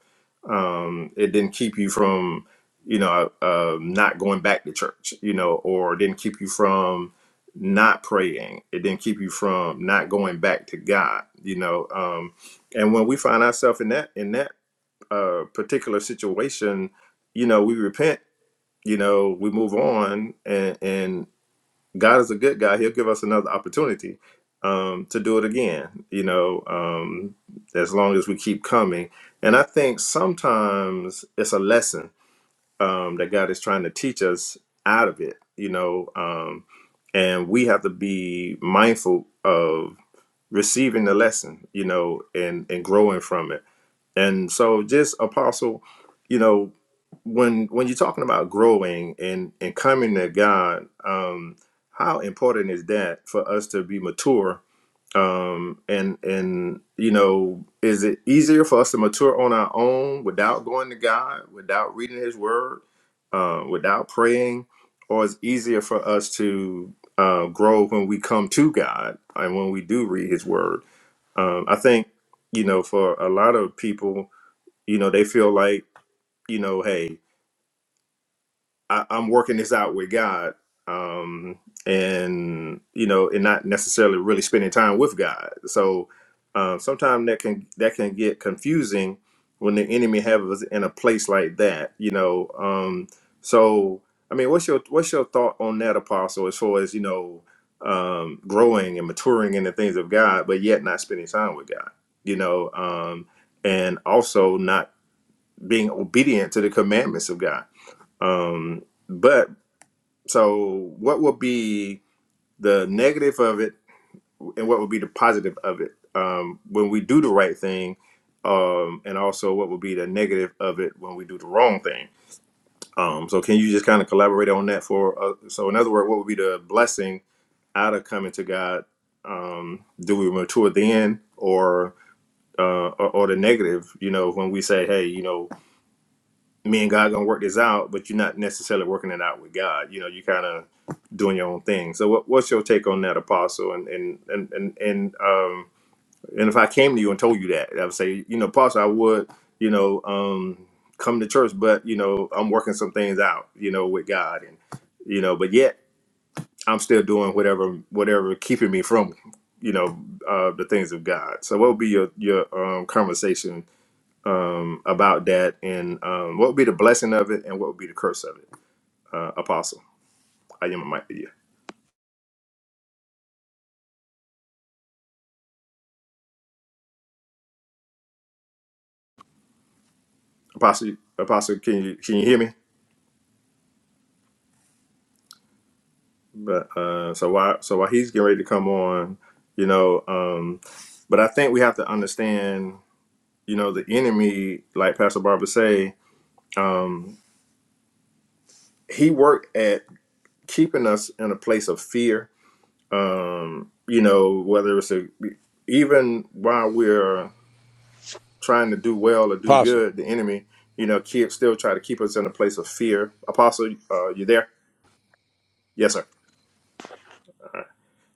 S2: Um, it didn't keep you from, you know, uh, um, not going back to church, you know, or it didn't keep you from not praying. It didn't keep you from not going back to God, you know. Um, and when we find ourselves in that in that uh, particular situation, you know, we repent, you know, we move on, and. and God is a good guy. He'll give us another opportunity um, to do it again, you know, um, as long as we keep coming. And I think sometimes it's a lesson um, that God is trying to teach us out of it, you know, um, and we have to be mindful of receiving the lesson, you know, and, and growing from it and so just apostle, you know, when when you're talking about growing and and coming to God, um how important is that for us to be mature? Um and and you know, is it easier for us to mature on our own without going to God, without reading his word, uh, without praying, or is it easier for us to uh, grow when we come to God and when we do read his word? Um I think you know, for a lot of people, you know they feel like you know hey I, i'm working this out with god um and you know and not necessarily really spending time with god so um sometimes that can that can get confusing when the enemy have us in a place like that you know um so i mean what's your what's your thought on that apostle as far as you know um growing and maturing in the things of god but yet not spending time with god you know um and also not being obedient to the commandments of God. Um, but so, what will be the negative of it, and what will be the positive of it um, when we do the right thing, um, and also what will be the negative of it when we do the wrong thing? Um, so, can you just kind of collaborate on that for? Uh, so, in other words, what would be the blessing out of coming to God? Um, do we mature then, or uh, or, or the negative? You know, when we say, "Hey, you know." me and God gonna work this out, but you're not necessarily working it out with God. You know, you kind of doing your own thing. So, what, what's your take on that, Apostle? And and and and and um, and if I came to you and told you that, I would say, you know, Apostle, I would, you know, um, come to church, but you know, I'm working some things out, you know, with God, and you know, but yet I'm still doing whatever whatever keeping me from, you know, uh, the things of God. So, what would be your your um, conversation? um, about that and um, what would be the blessing of it and what would be the curse of it. Uh, Apostle, I am a mic Yeah, Apostle, Apostle, can you can you hear me? But uh, so while so while he's getting ready to come on, you know, um, but I think we have to understand, you know, the enemy, like Pastor Barbara say, um, he worked at keeping us in a place of fear. Um, you know, whether it's a even while we're trying to do well or do
S3: Apostle,
S2: good, the enemy, you know, keep, still try to keep us in a place of fear. Apostle, uh, you there? Yes, sir.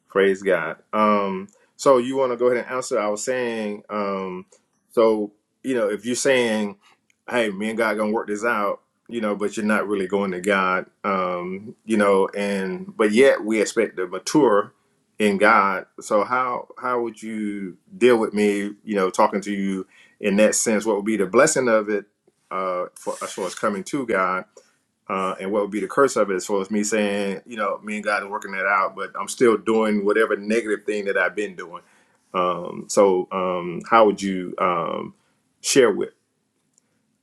S2: Praise God. Um, so you want to go ahead and answer? I was saying, um, so you know, if you're saying, "Hey, me and God gonna work this out," you know, but you're not really going to God, um, you know, and but yet we expect to mature in God. So how how would you deal with me? You know, talking to you in that sense, what would be the blessing of it uh, for as far as coming to God? uh, and what would be the curse of it as far as me saying, you know, me and God are working that out, but I'm still doing whatever negative thing that I've been doing. Um, so, um, how would you um, share with,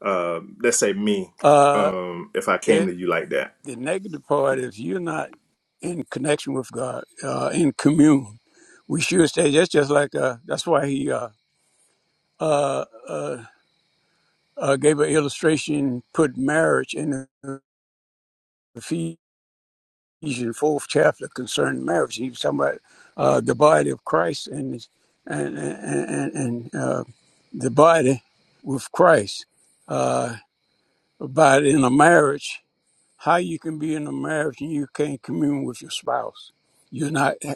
S2: uh, let's say, me,
S3: uh,
S2: um, if I came
S3: it,
S2: to you like that?
S3: the negative part, if you're not in connection with God, uh, in commune, we should say that's just like, uh, that's why he uh, uh, uh, uh, gave an illustration, put marriage in the Ephesians fourth chapter concerning marriage. He was talking about uh, the body of Christ and and and, and, and uh, the body with Christ. Uh, about in a marriage, how you can be in a marriage and you can't commune with your spouse. You're not uh,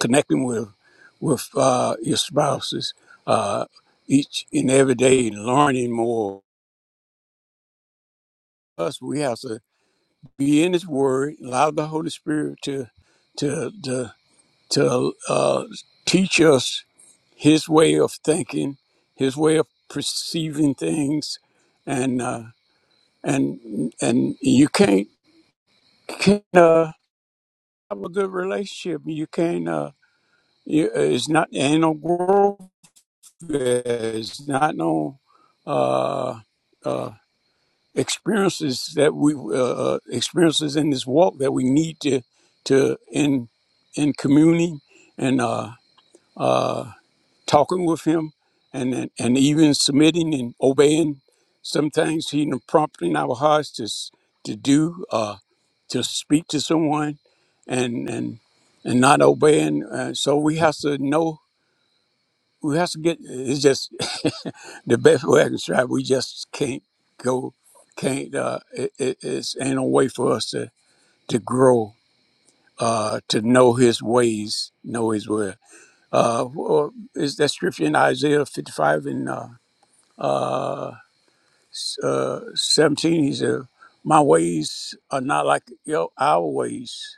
S3: connecting with with uh, your spouses uh, each and every day, learning more. Us, we have to be in His Word, allow the Holy Spirit to to to to uh, teach us his way of thinking, his way of perceiving things, and uh, and and you can't can't uh, have a good relationship. You can't. Uh, you, it's not ain't no growth. there. It's not no uh, uh, experiences that we uh, uh, experiences in this walk that we need to to in in communing and. Uh, uh, talking with him and, and, even submitting and obeying some things he done prompted in our hearts to, s- to do, uh, to speak to someone and, and, and not obeying. Uh, so we have to know, we have to get, it's just [laughs] the best way I can describe we just can't go, can't, uh, it, it, it's ain't no way for us to, to grow, uh, to know his ways, know his will. Uh, well, is that scripture in Isaiah 55 and uh, uh, uh, 17? He said, My ways are not like your, our ways.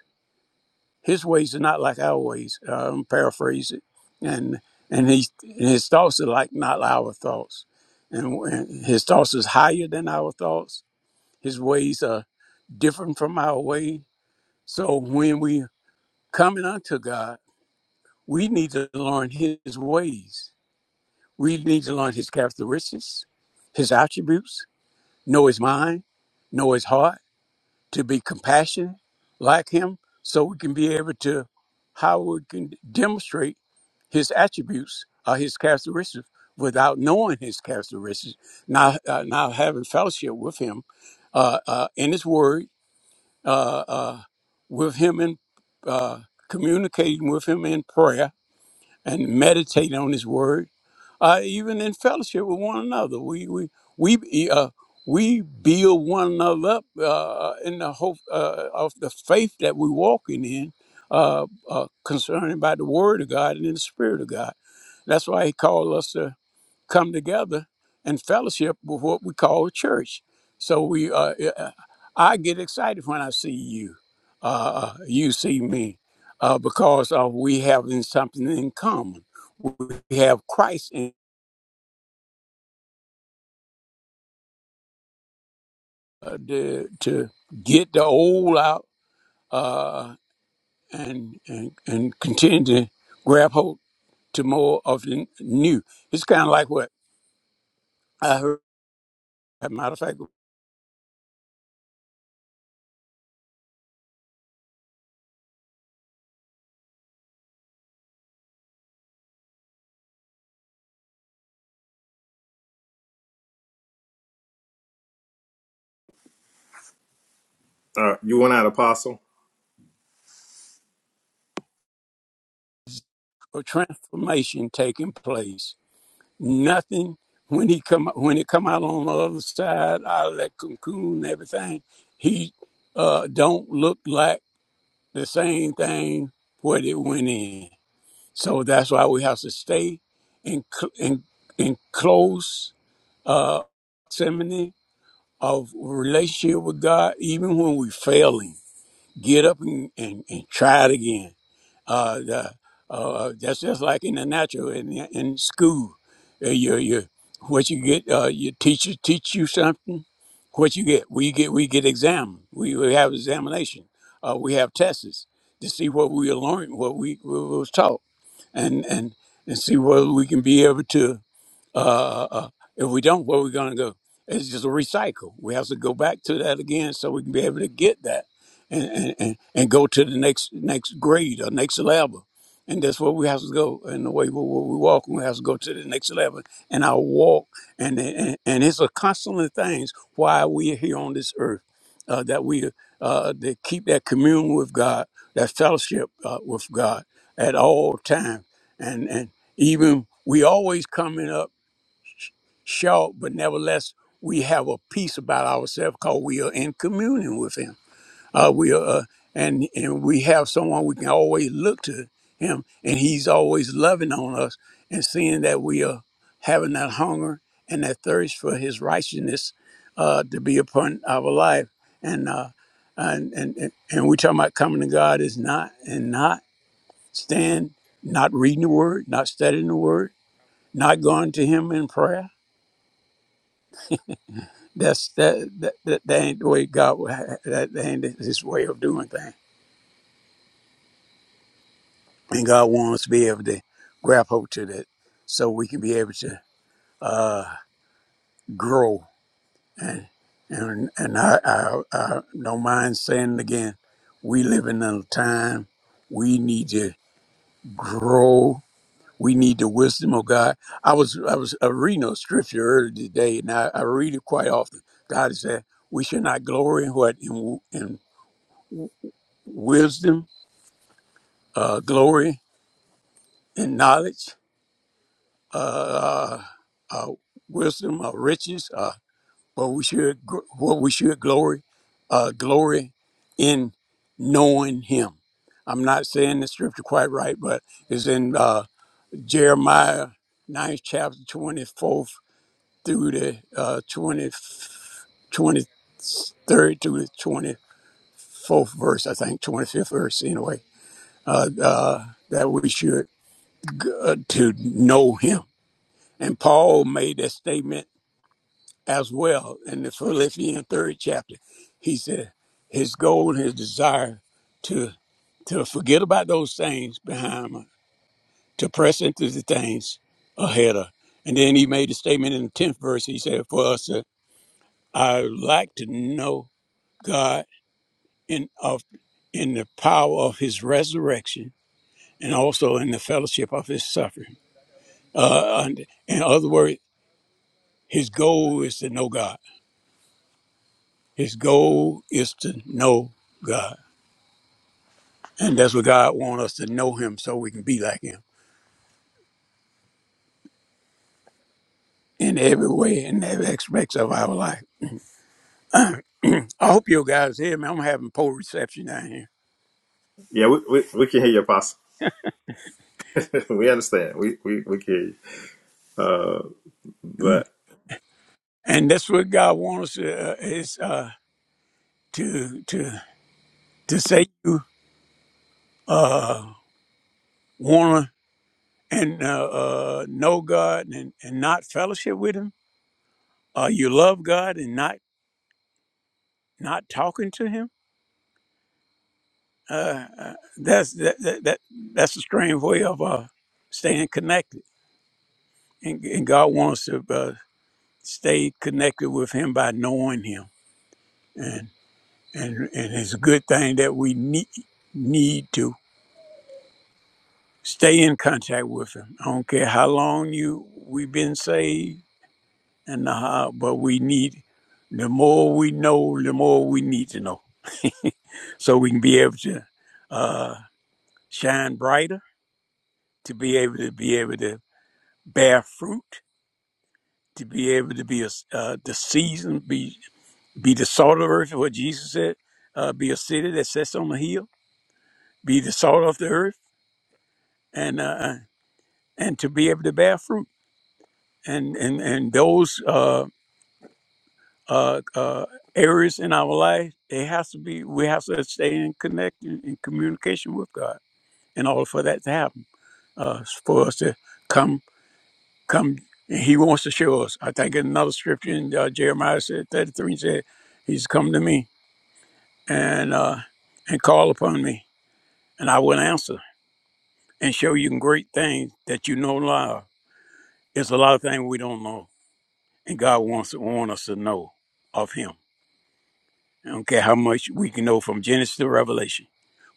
S3: His ways are not like our ways. Uh, I'm paraphrasing. And and he and his thoughts are like not our thoughts. And, and his thoughts is higher than our thoughts. His ways are different from our way. So when we coming unto God, we need to learn his ways We need to learn his characteristics, his attributes, know his mind, know his heart, to be compassionate like him, so we can be able to how we can demonstrate his attributes or his characteristics without knowing his characteristics. Now, uh, now having fellowship with him uh, uh, in his word, uh, uh, with him in uh, communicating with him in prayer, and meditate on His Word, uh, even in fellowship with one another. We we we uh, we build one another up uh, uh, in the hope uh, of the faith that we walking in, uh, uh, concerning by the Word of God and in the Spirit of God. That's why He called us to come together and fellowship with what we call a church. So we, uh, uh, uh, I get excited when I see you, uh, uh, you see me, uh, because uh, we have something in common. We have Christ in uh, the, to get the old out uh, and, and and continue to grab hold to more of the new. It's kind of like what I heard. As a matter of fact,
S2: Uh, you want out, Apostle?
S3: a transformation taking place nothing. When he come when it come out on the other side out of that cocoon and everything, he uh, don't look like the same thing what it went in. So that's why we have to stay in cl- in in close uh, proximity of relationship with God, even when we failing. Get up and, and, and try it again uh, the, uh, uh, that's just like in the natural in, in school. Uh, you, you, what you get, uh, your teacher teach you something. What you get, we get, we get exam. We, we have examination. Uh, we have tests to see what we learned, what we, what was taught, and and and see whether we can be able to uh, uh, uh, if we don't, where we going to go? It's just a recycle. We have to go back to that again so we can be able to get that and, and, and and go to the next next grade or next level. And that's where we have to go. And the way we, we we walk, we have to go to the next level. And our walk, and and, and it's a constant things why we are here on this earth, uh, that we uh, to keep that communion with God, that fellowship uh, with God at all times. And and even we always coming up sh- short, but nevertheless we have a peace about ourselves because we are in communion with Him uh, we are, uh, and and we have someone we can always look to him, and he's always loving on us and seeing that we are having that hunger and that thirst for his righteousness uh, to be upon our life. And uh, and and and and we talking about coming to God is not and not stand, not reading the word, not studying the word, not going to Him in prayer. That's that that that, that ain't the way God. would ha- That, that ain't His way of doing things. And God wants us to be able to grab hold to that so we can be able to uh, grow. And and, and I, I, I don't mind saying it again. We live in a time we need to grow. We need the wisdom of God. I was I was uh, reading a scripture earlier today, and I, I read it quite often. God said, "We should not glory in what in, in wisdom, uh, glory in knowledge, uh, our wisdom, our riches, uh, what we should gr- what we should glory, uh, glory in knowing Him. I'm not saying the scripture quite right, but it's in uh, Jeremiah 9th chapter 24th through the uh, 20, 23rd through the 24th verse, I think, 25th verse anyway, uh, uh, that we should g- uh, to know him. And Paul made that statement as well in the Philippians third chapter. He said his goal, his desire to to forget about those things behind him, to press into the things ahead of. And then he made a statement in the tenth verse. He said, "For us, uh, I would like to know God in of in the power of His resurrection, and also in the fellowship of His suffering." Uh, and- in other words, his goal is to know God. His goal is to know God And that's what God wants us to know him so we can be like him in every way, in every aspect of our life. I hope you guys hear me. I'm having poor reception down here.
S2: Yeah, we, we, we can hear you, Apostle. [laughs] we understand. We, we, we can hear you. Uh,
S3: Mm.
S2: but
S3: And that's what God wants us to, uh, is uh, to, to, to say you uh, want to and uh, uh, know God and, and not fellowship with him. Uh, you love God and not not talking to him. Uh, uh, that's that, that, that that's a strange way of uh, staying connected. And, and God wants to. uh, stayed connected with him by knowing him and and and it's a good thing that we need need to stay in contact with him i don't care how long you we've been saved and how, but we need the more we know the more we need to know [laughs] so we can be able to uh, shine brighter, to be able to be able to bear fruit, to be able to be a uh, the season be Be the salt of the earth, what Jesus said. Uh, be a city that sits on the hill. Be the salt of the earth, and uh, uh, and to be able to bear fruit. And and and those uh, uh, uh, areas in our life, it has to be. We have to stay in connection, in communication with God, in order for that to happen. Uh, for us to come, come. And he wants to show us. I think in another scripture in uh, Jeremiah said thirty-three said, "He's come to me and uh, and call upon me, and I will answer." and show you great things that you know now. There's a lot of things we don't know, and God wants to want us to know of Him. I don't care how much we can know from Genesis to Revelation,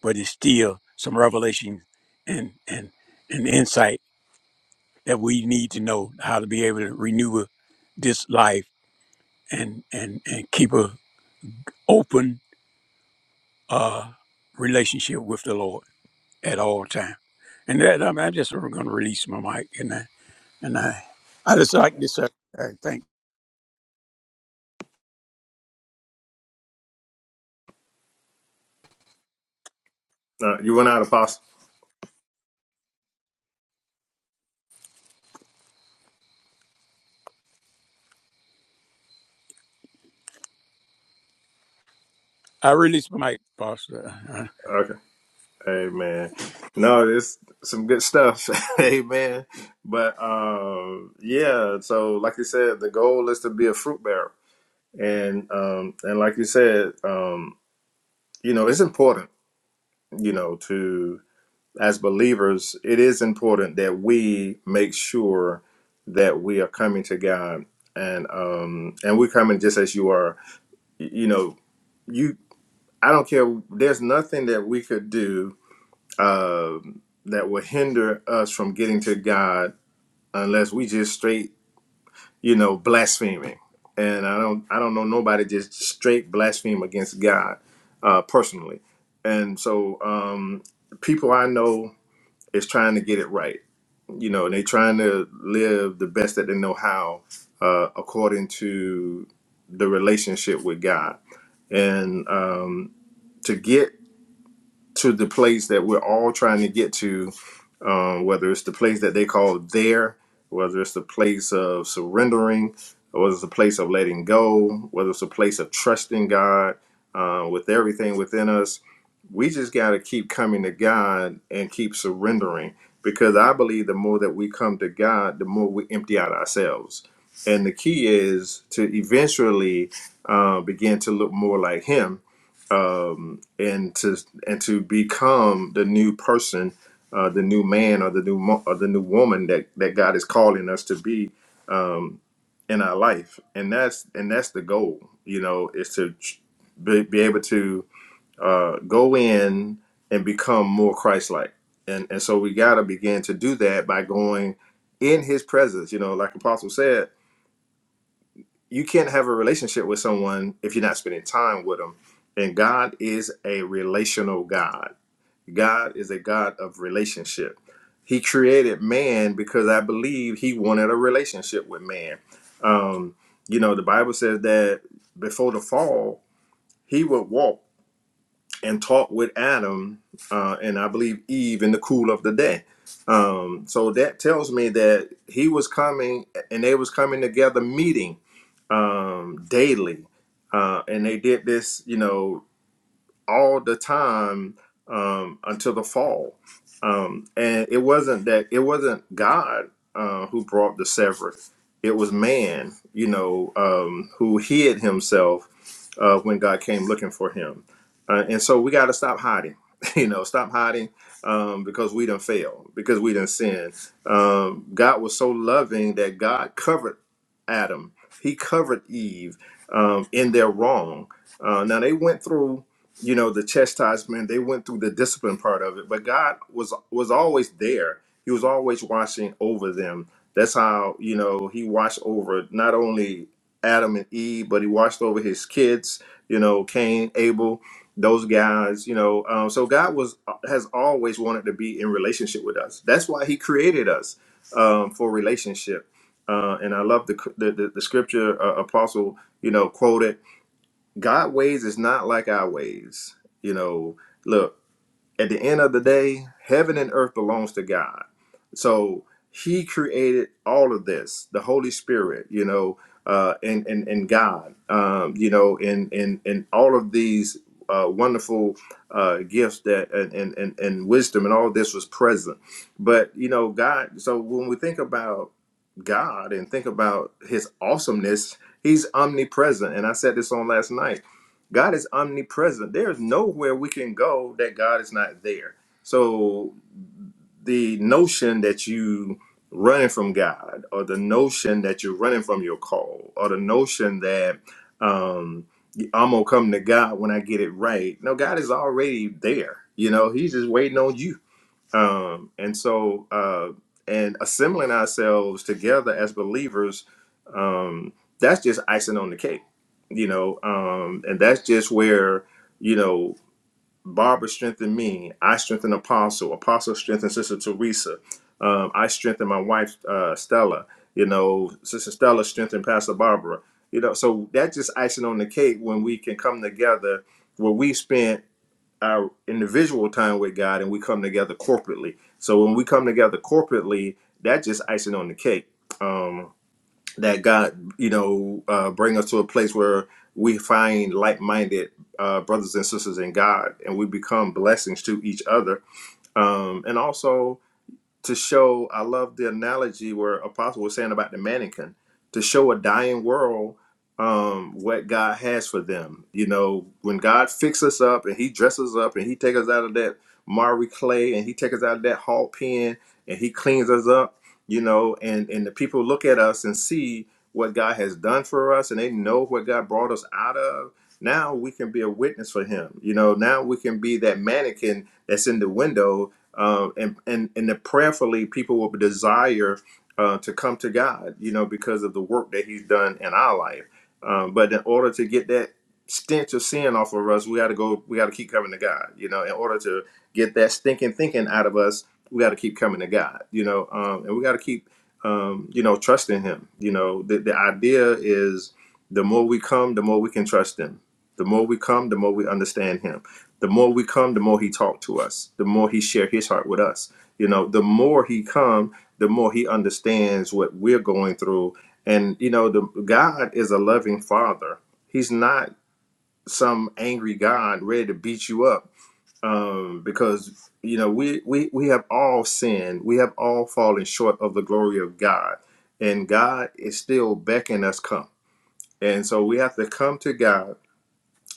S3: but it's still some revelation and and and insight that we need to know how to be able to renew this life and and and keep a open uh, relationship with the Lord at all times. And that I mean, I just going to release my mic and I and I I just like this. Uh, uh, thank
S2: uh, you want out, Apostle?
S3: I release my mic, Pastor. Uh,
S2: Okay. Amen. no, it's some good stuff. [laughs] Amen. but um, yeah. So, like you said, the goal is to be a fruit bearer, and um, and like you said, um, you know, it's important. You know, to as believers, it is important that we make sure that we are coming to God, and um, and we're coming just as you are. Y- You know, you. I don't care. There's nothing that we could do um, that will hinder us from getting to God unless we just straight, you know, blaspheming. And I don't, I don't know nobody just straight blaspheme against God uh, personally. And so, um, people I know is trying to get it right. You know, and they trying to live the best that they know how, uh, according to the relationship with God. And um, to get to the place that we're all trying to get to, um, whether it's the place that they call there, whether it's the place of surrendering, or whether it's a place of letting go, whether it's a place of trusting God uh, with everything within us we just got to keep coming to God and keep surrendering because I believe the more that we come to God, the more we empty out ourselves. And the key is to eventually uh, begin to look more like Him um, and to and to become the new person, uh, the new man or the new mo- or the new woman that that God is calling us to be um, in our life. And that's and that's the goal. You know, is to be, be able to uh, go in and become more Christ-like. And and so we got to begin to do that by going in His presence. You know, like Apostle said, you can't have a relationship with someone if you're not spending time with them. And God is a relational God. God is a God of relationship. He created man because I believe He wanted a relationship with man. Um, you know, the Bible says that before the fall, He would walk and talked with Adam uh, and I believe Eve in the cool of the day. Um, so that tells me that he was coming and they was coming together meeting um, daily. Uh, and they did this, you know, all the time um, until the fall. Um, and it wasn't that it wasn't God uh, who brought the severance; it was man, you know, um, who hid himself uh, when God came looking for him. Uh, and so we got to stop hiding, [laughs] you know, stop hiding um, because we didn't fail, because we didn't sin. Um, God was so loving that God covered Adam, He covered Eve um, in their wrong. Uh, now they went through you know the chastisement they went through the discipline part of it but god was was always there he was always watching over them that's how you know he watched over not only adam and eve but he watched over his kids you know cain abel those guys you know um, so god was has always wanted to be in relationship with us that's why he created us um, for relationship uh, and i love the the, the, the scripture uh, apostle you know quoted God ways is not like our ways. You know, look, at the end of the day, heaven and earth belongs to God. So he created all of this, the Holy Spirit, you know, uh, and, and, and God, um, you know, and, and, and all of these uh, wonderful uh, gifts that and, and, and, and wisdom and all this was present. But, you know, God, so when we think about God and think about his awesomeness, he's omnipresent. And I said this on last night God is omnipresent. There is nowhere we can go that God is not there. So the notion that you running from God, or the notion that you're running from your call, or the notion that um, I'm gonna come to God when I get it right. No, God is already there. You know, He's just waiting on you um, and so uh, and assembling ourselves together as believers um, that's just icing on the cake you know um, and that's just where you know barbara strengthened me i strengthened apostle apostle strengthened sister teresa um, i strengthened my wife uh, stella you know sister stella strengthened pastor barbara you know so that's just icing on the cake when we can come together where we spent our individual time with God and we come together corporately. So when we come together corporately, that's just icing on the cake. Um, that God, you know, uh, bring us to a place where we find like-minded uh, brothers and sisters in God, and we become blessings to each other. Um, and also, to show i love the analogy where apostle was saying about the mannequin to show a dying world um what god has for them you know when god fixes us up and he dresses us up and he takes us out of that marry clay and he takes us out of that hog pen and he cleans us up you know and and the people look at us and see what god has done for us and they know what god brought us out of now we can be a witness for him you know now we can be that mannequin that's in the window uh, and and and that prayerfully people will desire uh, to come to God, you know, because of the work that He's done in our life. Um, but in order to get that stench of sin off of us, we got to go. We got to keep coming to God, you know. In order to get that stinking thinking out of us, we got to keep coming to God, you know, um, and we got to keep, um, you know, trusting Him. You know, the the idea is the more we come, the more we can trust Him. The more we come, the more we understand Him the more we come the more he talked to us the more he shared his heart with us you know the more he come the more he understands what we're going through and you know the god is a loving father he's not some angry god ready to beat you up um, because you know we, we we have all sinned we have all fallen short of the glory of god and god is still beckoning us come and so we have to come to god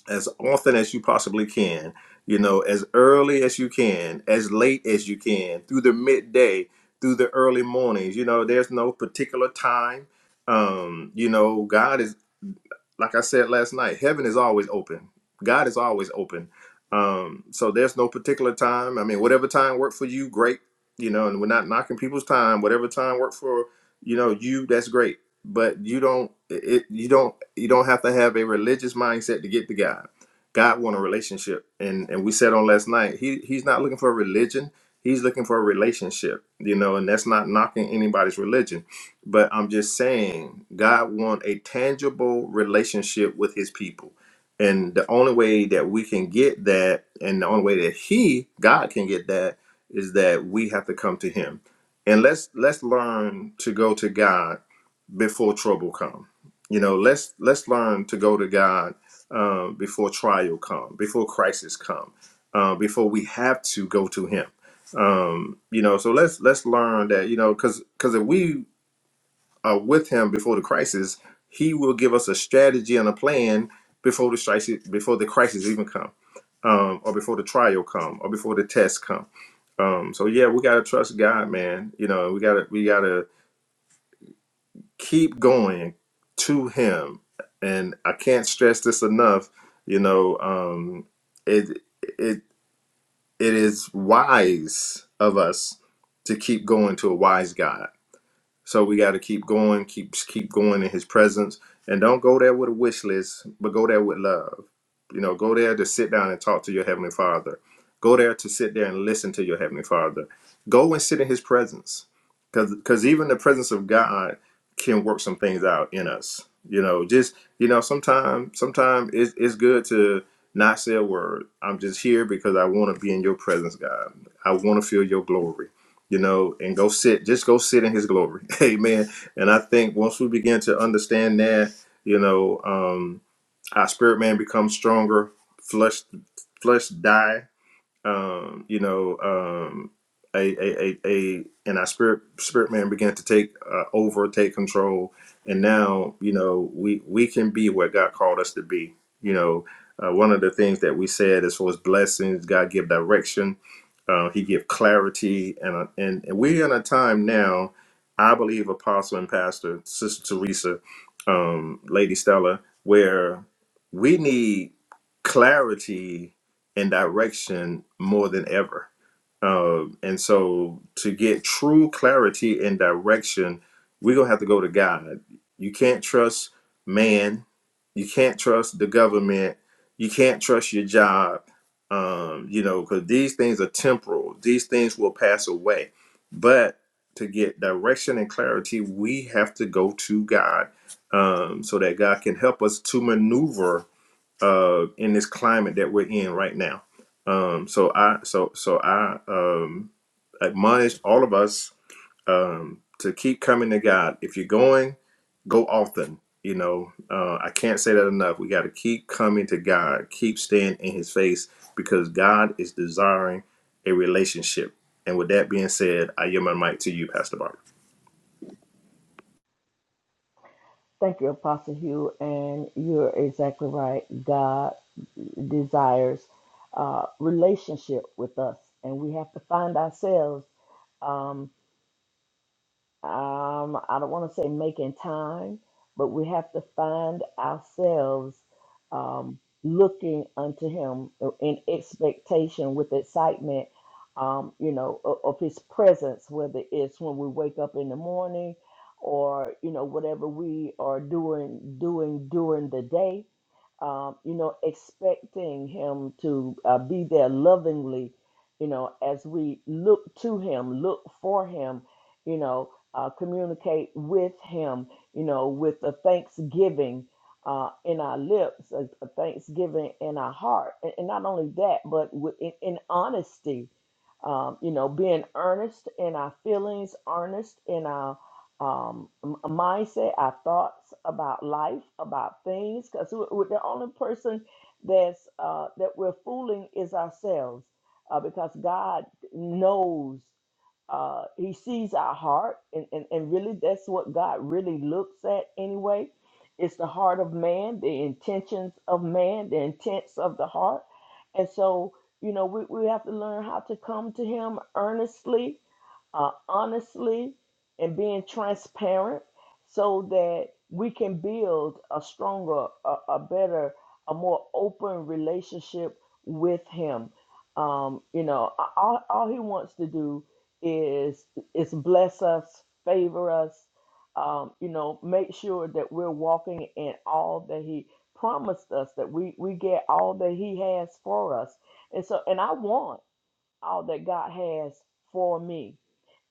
S2: as often as you possibly can, you know, as early as you can, as late as you can, through the midday, through the early mornings. You know, there's no particular time. Um, you know, God is like I said last night, heaven is always open. God is always open. Um, so there's no particular time. I mean, whatever time worked for you, great. You know, and we're not knocking people's time. Whatever time worked for you know you, that's great. But you don't it you don't you don't have to have a religious mindset to get to God. God want a relationship, and and we said on last night, he he's not looking for a religion. He's looking for a relationship. You know, and that's not knocking anybody's religion but I'm just saying, God wants a tangible relationship with his people. And the only way that we can get that, and the only way that he, God can get that, is that we have to come to him. And let's let's learn to go to God before trouble come. You know, let's let's learn to go to God um, before trial come, before crisis come, uh, before we have to go to Him. Um, you know, so let's let's learn that. You know, because because if we uh, with him before the crisis, he will give us a strategy and a plan before the crisis, before the crisis even come, um, or before the trial come, or before the test come. Um, so yeah, we gotta trust God, man. You know, we gotta we gotta keep going to Him, and I can't stress this enough. You know, um, it it it is wise of us to keep going to a wise God so we got to keep going, keep keep going in His presence, and don't go there with a wish list, but go there with love. You know, go there to sit down and talk to your heavenly Father. Go there to sit there and listen to your heavenly Father. Go and sit in His presence, because because even the presence of God can work some things out in us. You know, just you know, sometimes sometimes it's it's good to not say a word. I'm just here because I want to be in your presence, God. I want to feel your glory you know, and go sit, just go sit in his glory. [laughs] Amen. And I think once we begin to understand that, you know, um, our spirit man becomes stronger, flesh, flesh die um, you know, um, a, a, a, a, and our spirit, spirit man began to take uh, over, take control. And now, you know, we, we can be what God called us to be. You know, uh, one of the things that we said as far as blessings, God give direction, uh, he give clarity. And, uh, and, and we're in a time now, I believe apostle and pastor, sister Teresa, um, lady Stella, where we need clarity and direction more than ever. Um, and so, to get true clarity and direction, we're going to have to go to God. You can't trust man. You can't trust the government. You can't trust your job. Um, you know, because these things are temporal, these things will pass away. But to get direction and clarity, we have to go to God um, so that God can help us to maneuver uh, in this climate that we're in right now. Um, so I so so I um, admonish all of us um, to keep coming to God. If you're going, go often. You know, uh, I can't say that enough. We got to keep coming to God, keep staying in His face, because God is desiring a relationship. And with that being said, I yield my mic to you, Pastor Barbara.
S1: Thank you, Apostle Hugh, and you're exactly right. God desires uh, relationship with us, and we have to find ourselves um, um, I don't want to say making time, but we have to find ourselves um, looking unto Him in expectation with excitement, um, you know, of, of His presence, whether it's when we wake up in the morning or, you know, whatever we are doing, doing during the day um, you know, expecting him to uh, be there lovingly, you know, as we look to him, look for him, you know, uh, communicate with Him, you know, with a thanksgiving uh, in our lips, a, a thanksgiving in our heart. And, and not only that, but with, in, in honesty, um, you know, being earnest in our feelings, earnest in our um, m- mindset, our thoughts about life, about things, because we're the only person that's uh, that we're fooling is ourselves, uh, because God knows uh, he sees our heart and, and, and really that's what god really looks at anyway it's the heart of man the intentions of man the intents of the heart and so you know we, we have to learn how to come to him earnestly uh, honestly and being transparent so that we can build a stronger a, a better a more open relationship with him um, you know a- all, all he wants to do is is bless us, favor us, um, you know, make sure that we're walking in all that He promised us, that we we get all that He has for us, and so and I want all that God has for me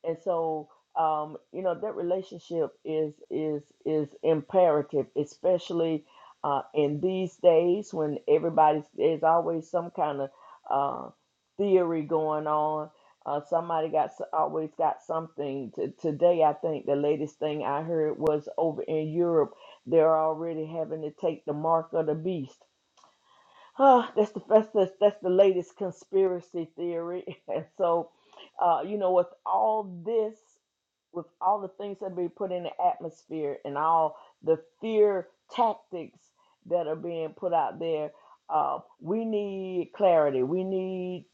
S1: and so um, you know that relationship is is is imperative especially uh, in these days when everybody's there's always some kind of uh, theory going on uh, somebody got s- always got something T- today i think the latest thing i heard was over in europe they're already having to take the mark of the beast Ah, that's the that's, that's, that's the latest conspiracy theory [laughs] and so uh, you know, with all this with all the things that be put in the atmosphere and all the fear tactics that are being put out there, uh, we need clarity. We need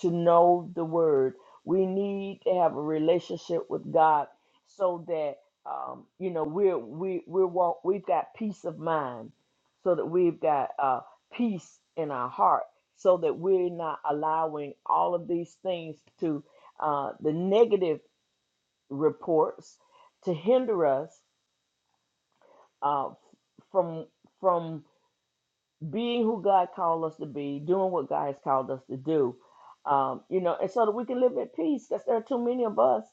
S1: to know the word. We need to have a relationship with God so that um, you know we're we we're walk, we've got peace of mind, so that we've got uh, peace in our heart, so that we're not allowing all of these things to uh, the negative reports to hinder us uh, from from being who God called us to be, doing what God has called us to do, um, you know, and so that we can live at peace. Because there are too many of us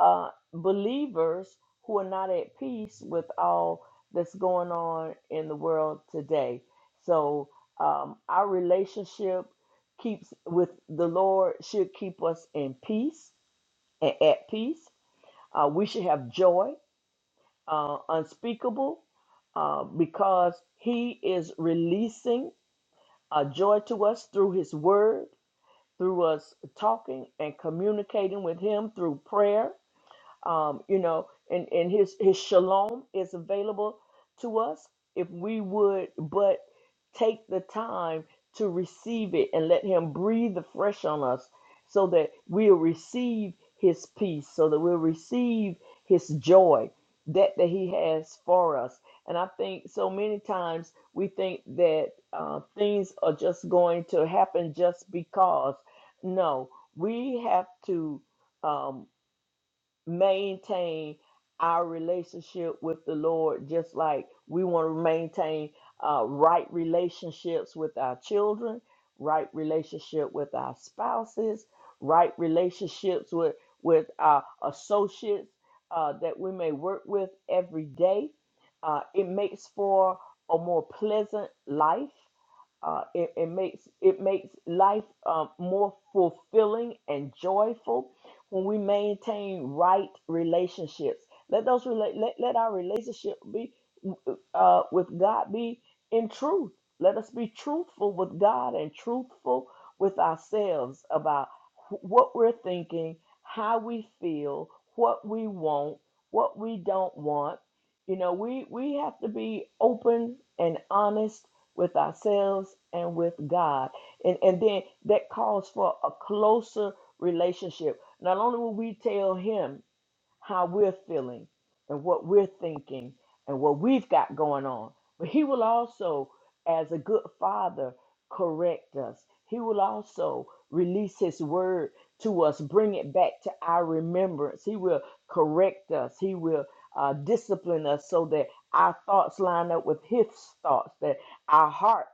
S1: uh, believers who are not at peace with all that's going on in the world today. So um, our relationship keeps with the Lord should keep us in peace and at peace. Uh, we should have joy uh, unspeakable uh, because he is releasing a joy to us through his word, through us talking and communicating with him through prayer um, you know, and, and his, his shalom is available to us if we would but take the time to receive it and let him breathe afresh on us so that we'll receive his peace, so that we'll receive his joy, that that he has for us. And I think so many times we think that uh, things are just going to happen just because. No, we have to. Um, maintain our relationship with the Lord, just like we want to maintain uh, right relationships with our children, right relationship with our spouses, right relationships with with our associates uh, that we may work with every day. Uh, it makes for a more pleasant life. Uh, it, it makes it makes life um, more fulfilling and joyful when we maintain right relationships. Let those rela- let, let our relationship be uh, with God be in truth. Let us be truthful with God and truthful with ourselves about wh- what we're thinking, how we feel, what we want, what we don't want. You know, we we have to be open and honest with ourselves and with God. And and then that calls for a closer relationship not only will we tell him, how we're feeling and what we're thinking and what we've got going on. But He will also, as a good father, correct us. He will also release His word to us, bring it back to our remembrance. He will correct us. He will uh, discipline us so that our thoughts line up with His thoughts, that our hearts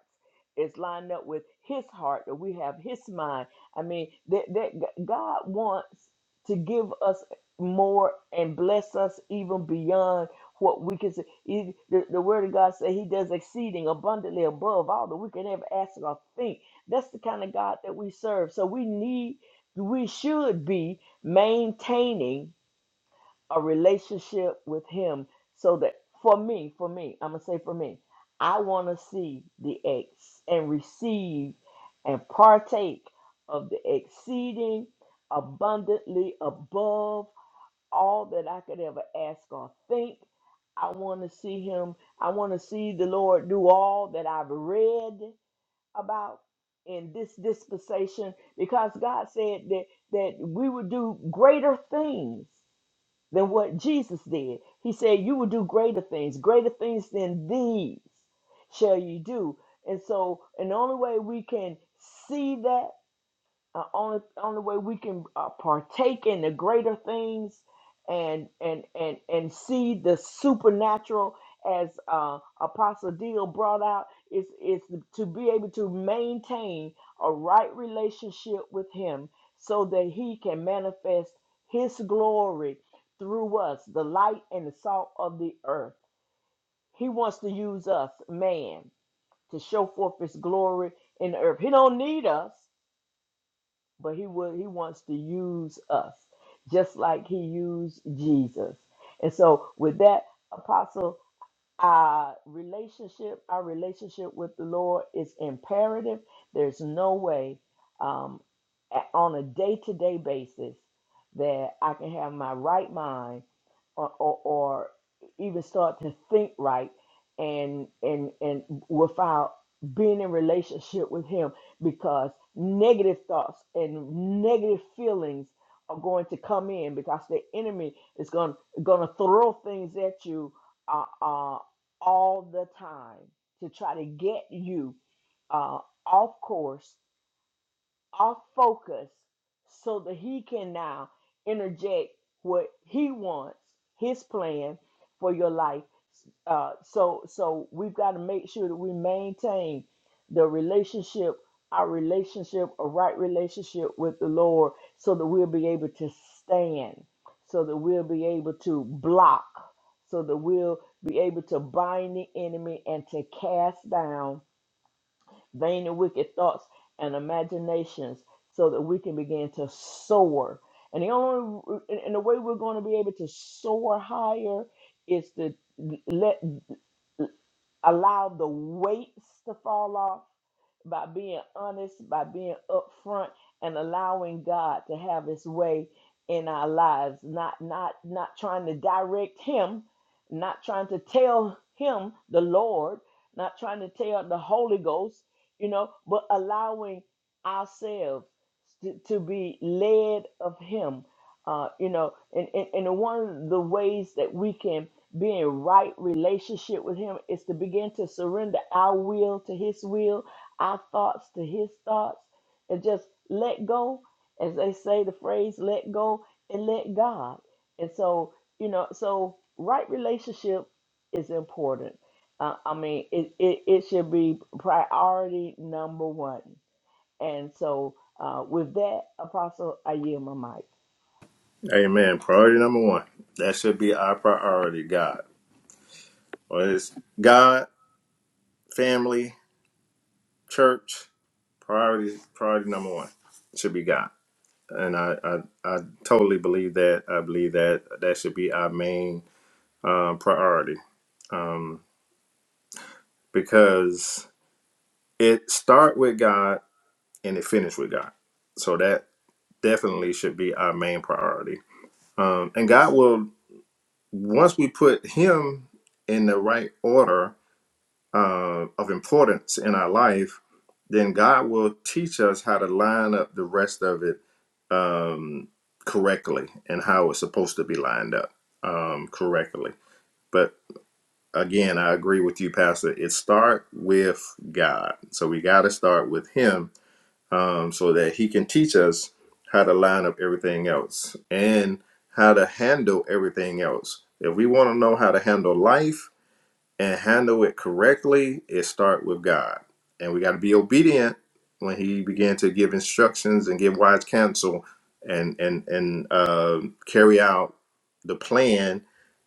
S1: is lined up with His heart, that we have His mind. I mean, that, that God wants to give us more and bless us even beyond what we can see. He- The, the word of God said he does exceeding abundantly above all that we can ever ask or think. That's the kind of God that we serve. So we need, we should be maintaining a relationship with him so that for me, for me, I'm going to say for me, I want to see the ex and receive and partake of the exceeding abundantly above all that I could ever ask or think. I want to see him. I want to see the Lord do all that I've read about in this dispensation because God said that that we would do greater things than what Jesus did. He said you will do greater things, greater things than these shall you do. And so, and the only way we can see that uh, only only way we can uh, partake in the greater things and and and and see the supernatural as uh, apostle deal brought out is is to be able to maintain a right relationship with him so that he can manifest his glory through us the light and the salt of the earth he wants to use us man to show forth his glory in the earth he don't need us but he will he wants to use us just like he used Jesus. And so with that apostle our relationship, our relationship with the Lord is imperative. There's no way um, a- on a day to day basis that I can have my right mind or, or, or even start to think right and and and without being in relationship with him because negative thoughts and negative feelings are going to come in because the enemy is going going to throw things at you uh, uh, all the time to try to get you uh, off course, off focus, so that he can now interject what he wants, his plan for your life uh, so so we've got to make sure that we maintain the relationship, our relationship, a right relationship with the Lord, so that we'll be able to stand, so that we'll be able to block, so that we'll be able to bind the enemy and to cast down vain and wicked thoughts and imaginations, so that we can begin to soar. And the only and and the way we're going to be able to soar higher is to let allow the weights to fall off, by being honest, by being upfront, and allowing God to have His way in our lives. Not not not trying to direct Him, not trying to tell Him the Lord, not trying to tell the Holy Ghost, you know, but allowing ourselves to, to be led of Him. Uh, you know, and, and, and one of the ways that we can be in right relationship with Him is to begin to surrender our will to His will our thoughts to his thoughts and just let go as they say the phrase let go and let god and so you know so right relationship is important uh, i mean it, it, it should be priority number one and so uh, with that apostle i yield my mic
S2: Amen. Priority number one. That should be our priority, God. Well, it's God, family, church priority priority number one should be god and i i, I totally believe that i believe that that should be our main um, priority um, because it start with god and it finish with god so that definitely should be our main priority um, and god will once we put him in the right order uh, of importance in our life, then God will teach us how to line up the rest of it um, correctly and how it's supposed to be lined up um, correctly. But again, I agree with you, Pastor. It start with God, so we got to start with Him um, so that He can teach us how to line up everything else and how to handle everything else. If we want to know how to handle life and handle it correctly, it start with God. And we got to be obedient when He began to give instructions and give wise counsel, and and and uh, carry out the plan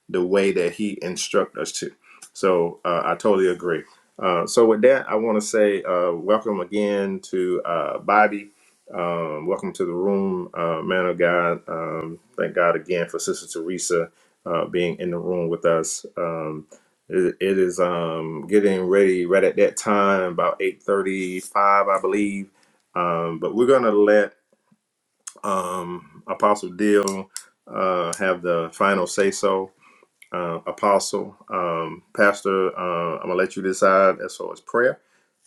S2: the way that he instruct us to. So uh, I totally agree. Uh, so with that, I want to say uh, welcome again to uh, Bobby. Um, welcome to the room, uh, man of God. Um, thank God again for Sister Teresa uh, being in the room with us. Um, it, it is um, getting ready right at that time, about eight thirty-five, I believe. Um, but we're gonna let um, Apostle Deal uh, have the final say so uh, apostle, um, pastor. Uh, I'm gonna let you decide as far as prayer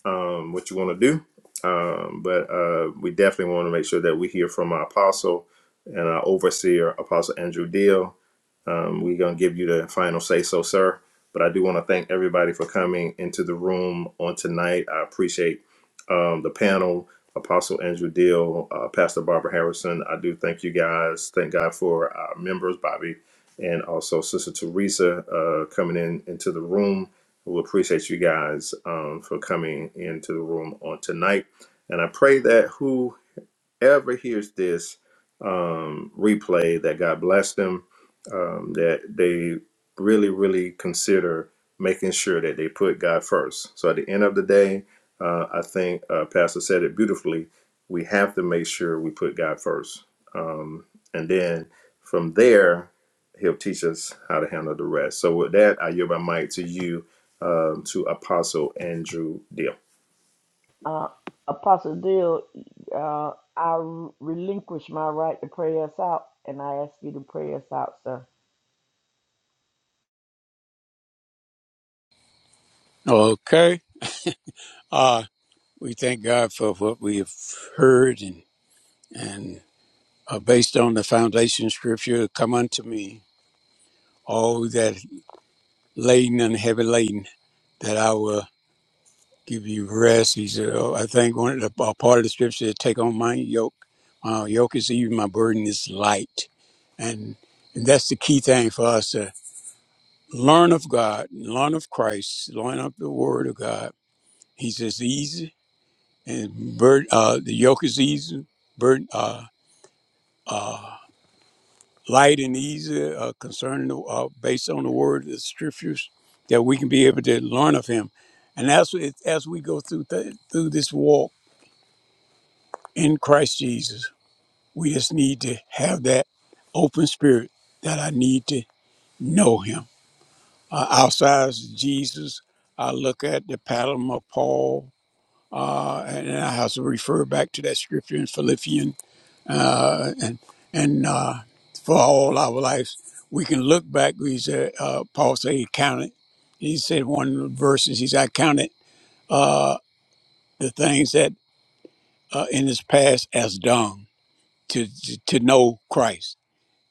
S2: um, what you want to do. Um, but uh, we definitely want to make sure that we hear from our apostle and our overseer, Apostle Andrew Deal. Um, we're going to give you the final say so, sir. But I do want to thank everybody for coming into the room on tonight. I appreciate um, the panel, Apostle Andrew Deal, uh, Pastor Barbara Harrison. I do thank you guys. Thank God for our members, Bobby, and also Sister Teresa uh, coming in into the room we appreciate you guys um, for coming into the room on tonight. And I pray that who ever hears this um, replay, that God bless them, um, that they really, really consider making sure that they put God first. So at the end of the day, uh, I think uh, Pastor said it beautifully. We have to make sure we put God first. Um, and then from there, He'll teach us how to handle the rest. So with that, I yield my mic to you, um, to Apostle Andrew Deal.
S1: uh, apostle deal uh, i relinquish my right to pray us out and i ask you to pray us out sir
S3: Okay. Uh, we thank God for what we have heard and, and uh, based on the foundation scripture, come unto me, all that laden and heavy laden, that I will give you rest. He said, oh, I think one of the a part of the scripture is take on my yoke. My yoke is easy, my burden is light. And, and that's the key thing for us to learn of God, learn of Christ, learn of the word of God. He says easy and burden, uh, the yoke is easy, burden, uh, light and easy, uh, concerning the, uh, based on the word, of the scriptures, that we can be able to learn of Him, and as we, as we go through th- through this walk in Christ Jesus, we just need to have that open spirit that I need to know Him. Uh, outside of Jesus, I look at the pattern of Paul, uh, and I have to refer back to that scripture in Philippians uh, and and uh, for all our lives. We can look back. He said, uh, Paul said he counted. He said one of the verses. He said, "I counted uh, the things that uh, in his past as dung to to, to know Christ."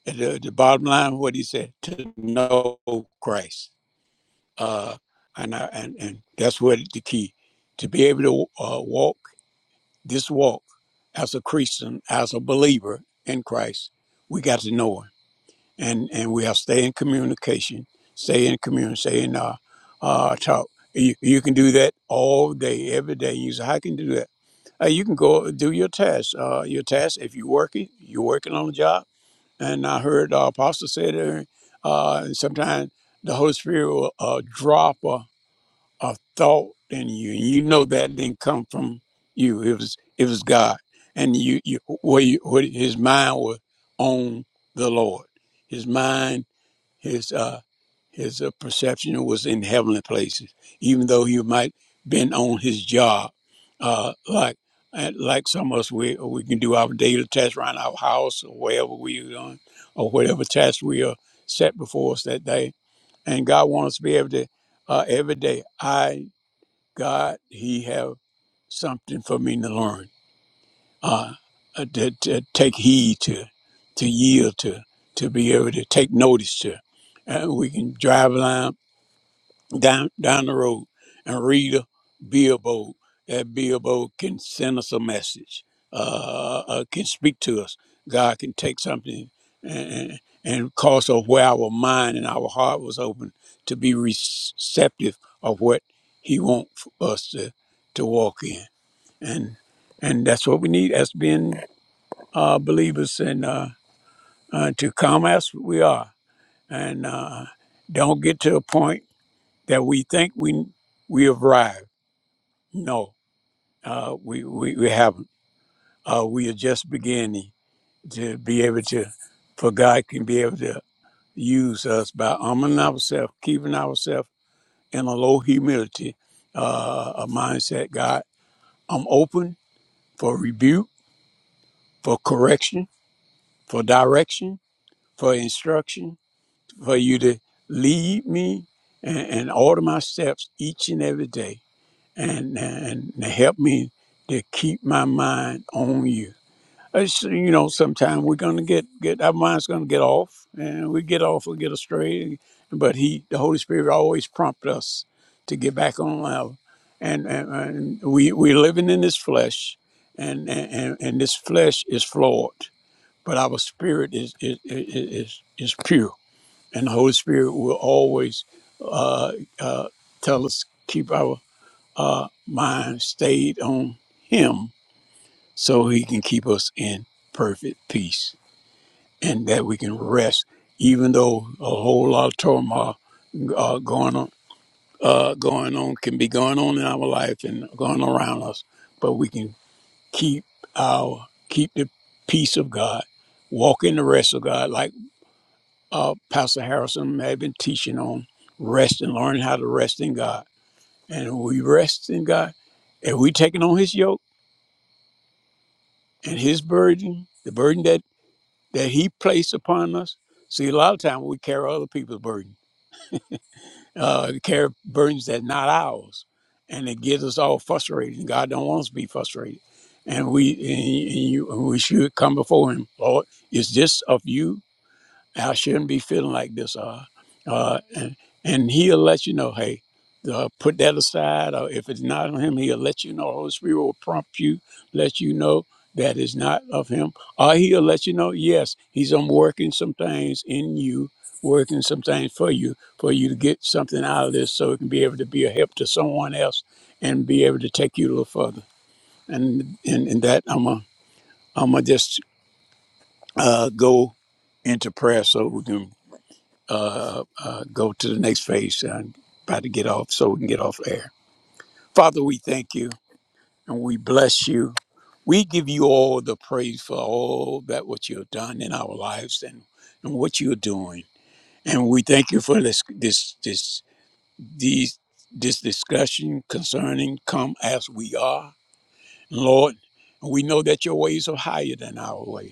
S3: At The, the bottom line, what he said, to know Christ, uh, and I, and and that's what the key to be able to uh, walk this walk as a Christian, as a believer in Christ. We got to know Him and and we'll stay in communication, stay in communion, stay in uh, uh, talk. You, you can do that all day, every day. You say, "How can you do that?" Uh, you can go do your tasks. Uh, your tasks. If you're working, you're working on the job. And I heard uh, Apostle said, uh, uh, and sometimes the Holy Spirit will uh, drop a, a thought in you, and you know that didn't come from you. It was it was God, and you you where you where His mind was on the Lord. His mind his uh, his uh, perception was in heavenly places, even though he might been on his job, uh, like and like some of us we we can do our daily tasks around our house or wherever we are doing or whatever task we are set before us that day. And God wants us to be able to uh, every day. I God, He have something for me to learn uh, uh, to, to take heed to, to yield to, to be able to take notice to. And we can drive along down down the road and read a billboard. That billboard can send us a message, uh, uh, can speak to us. God can take something and, and cause of where our mind and our heart was open to be receptive of what He wants us to, to walk in. And and that's what we need as being uh, believers in uh, uh, to come as we are, and uh, don't get to a point that we think we we have arrived. No, uh, we, we we haven't. Uh, we are just beginning to be able to, for God can be able to use us by arming ourselves, keeping ourselves in a low humility, uh, a mindset. God, I'm open for rebuke, for correction, for direction, for instruction for you to lead me and, and order my steps each and every day and, and to help me to keep my mind on you. It's, you know, sometimes we're gonna get get our mind's gonna get off, and we get off, we get astray. But He, the Holy Spirit, always prompt us to get back on level. And, and, and we we're living in this flesh, and and, and this flesh is flawed, but our spirit is is is, is is pure and the Holy Spirit will always uh, uh, tell us keep our uh, mind stayed on Him, so He can keep us in perfect peace, and that we can rest, even though a whole lot of turmoil uh, going on, uh, going on can be going on in our life and going around us, but we can keep our keep the peace of God, walk in the rest of God, like. uh, Pastor Harrison may have been teaching on rest and learning how to rest in God. And when we rest in God, and we taking on his yoke and his burden, the burden that, that he placed upon us. See, a lot of times we carry other people's burden, uh, carry burdens that not ours. And it gets us all frustrated. And God don't want us to be frustrated. And we and you, and you- and we should come before him, Lord, is this of you? I shouldn't be feeling like this. Uh, uh, and, and he'll let you know, hey, uh, put that aside. Or if it's not of him, he'll let you know. Holy Spirit will prompt you, let you know that is not of him. Or he'll let you know, yes, he's um, working some things in you, working some things for you, for you to get something out of this so it can be able to be a help to someone else and be able to take you a little further. And and, and that I'm a, I'm gonna just uh, go into prayer so we can uh, uh, go to the next phase and about to get off so we can get off air. Father, we thank you and we bless you. We give you all the praise for all that what you've done in our lives and, and what you're doing. And we thank you for this this this these this discussion concerning come as we are. Lord, we know that your ways are higher than our ways.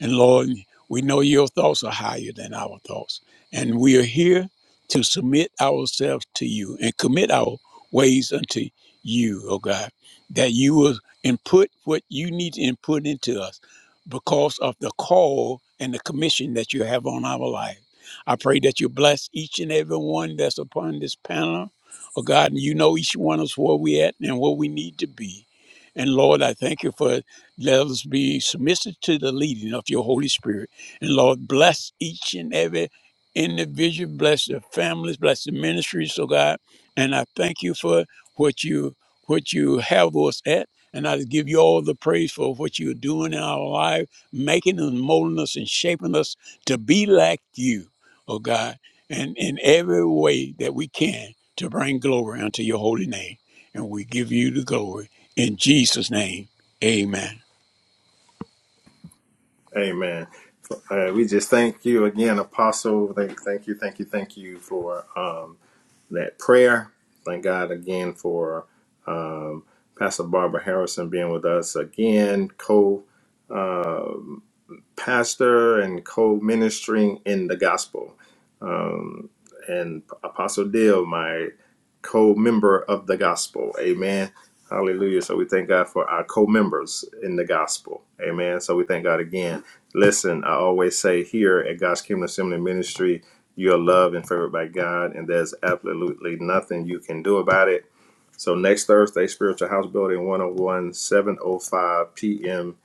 S3: And Lord, we know your thoughts are higher than our thoughts. And we are here to submit ourselves to you and commit our ways unto you, oh God, that you will input what you need to input into us because of the call and the commission that you have on our life. I pray that you bless each and every one that's upon this panel. Oh God, and you know each one of us where we at and where we need to be. And Lord, I thank you for let us be submissive to the leading of your Holy Spirit. And Lord, bless each and every individual, bless their families, bless the ministries, oh God. And I thank you for what you what you have us at. And I give you all the praise for what you're doing in our life, making and molding us and shaping us to be like you, oh God, and in every way that we can to bring glory unto your holy name. And we give you the glory in Jesus' name. Amen.
S2: Amen. Uh, we just thank you again, Apostle. Thank, thank you, thank you, thank you for um, that prayer. Thank God again for um, Pastor Barbara Harrison being with us again, co pastor and co ministering in the gospel um, and Apostle Dale, my co-member of the gospel. Amen. Hallelujah. So we thank God for our co-members in the gospel. Amen. So we thank God again. Listen, I always say here at God's Kingdom Assembly Ministry, you are loved and favored by God, and there's absolutely nothing you can do about it. So next Thursday, Spiritual House Building one o one, seven o five p.m.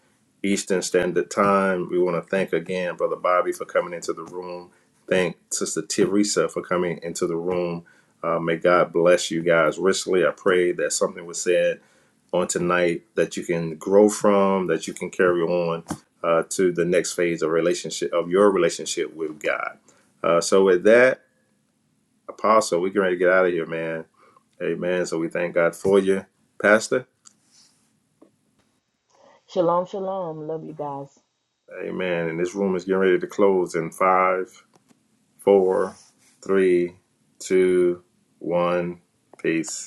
S2: Eastern Standard Time. We want to thank again Brother Bobby for coming into the room thank Sister Teresa for coming into the room. Uh, may God bless you guys richly. I pray that something was said on tonight that you can grow from, that you can carry on uh, to the next phase of relationship of your relationship with God. Uh, so with that, Apostle, we getting ready to get out of here, man. Amen. So we thank God for you, Pastor.
S1: shalom shalom love you guys
S2: Amen. And this room is getting ready to close in five, four, three, two, one. Peace.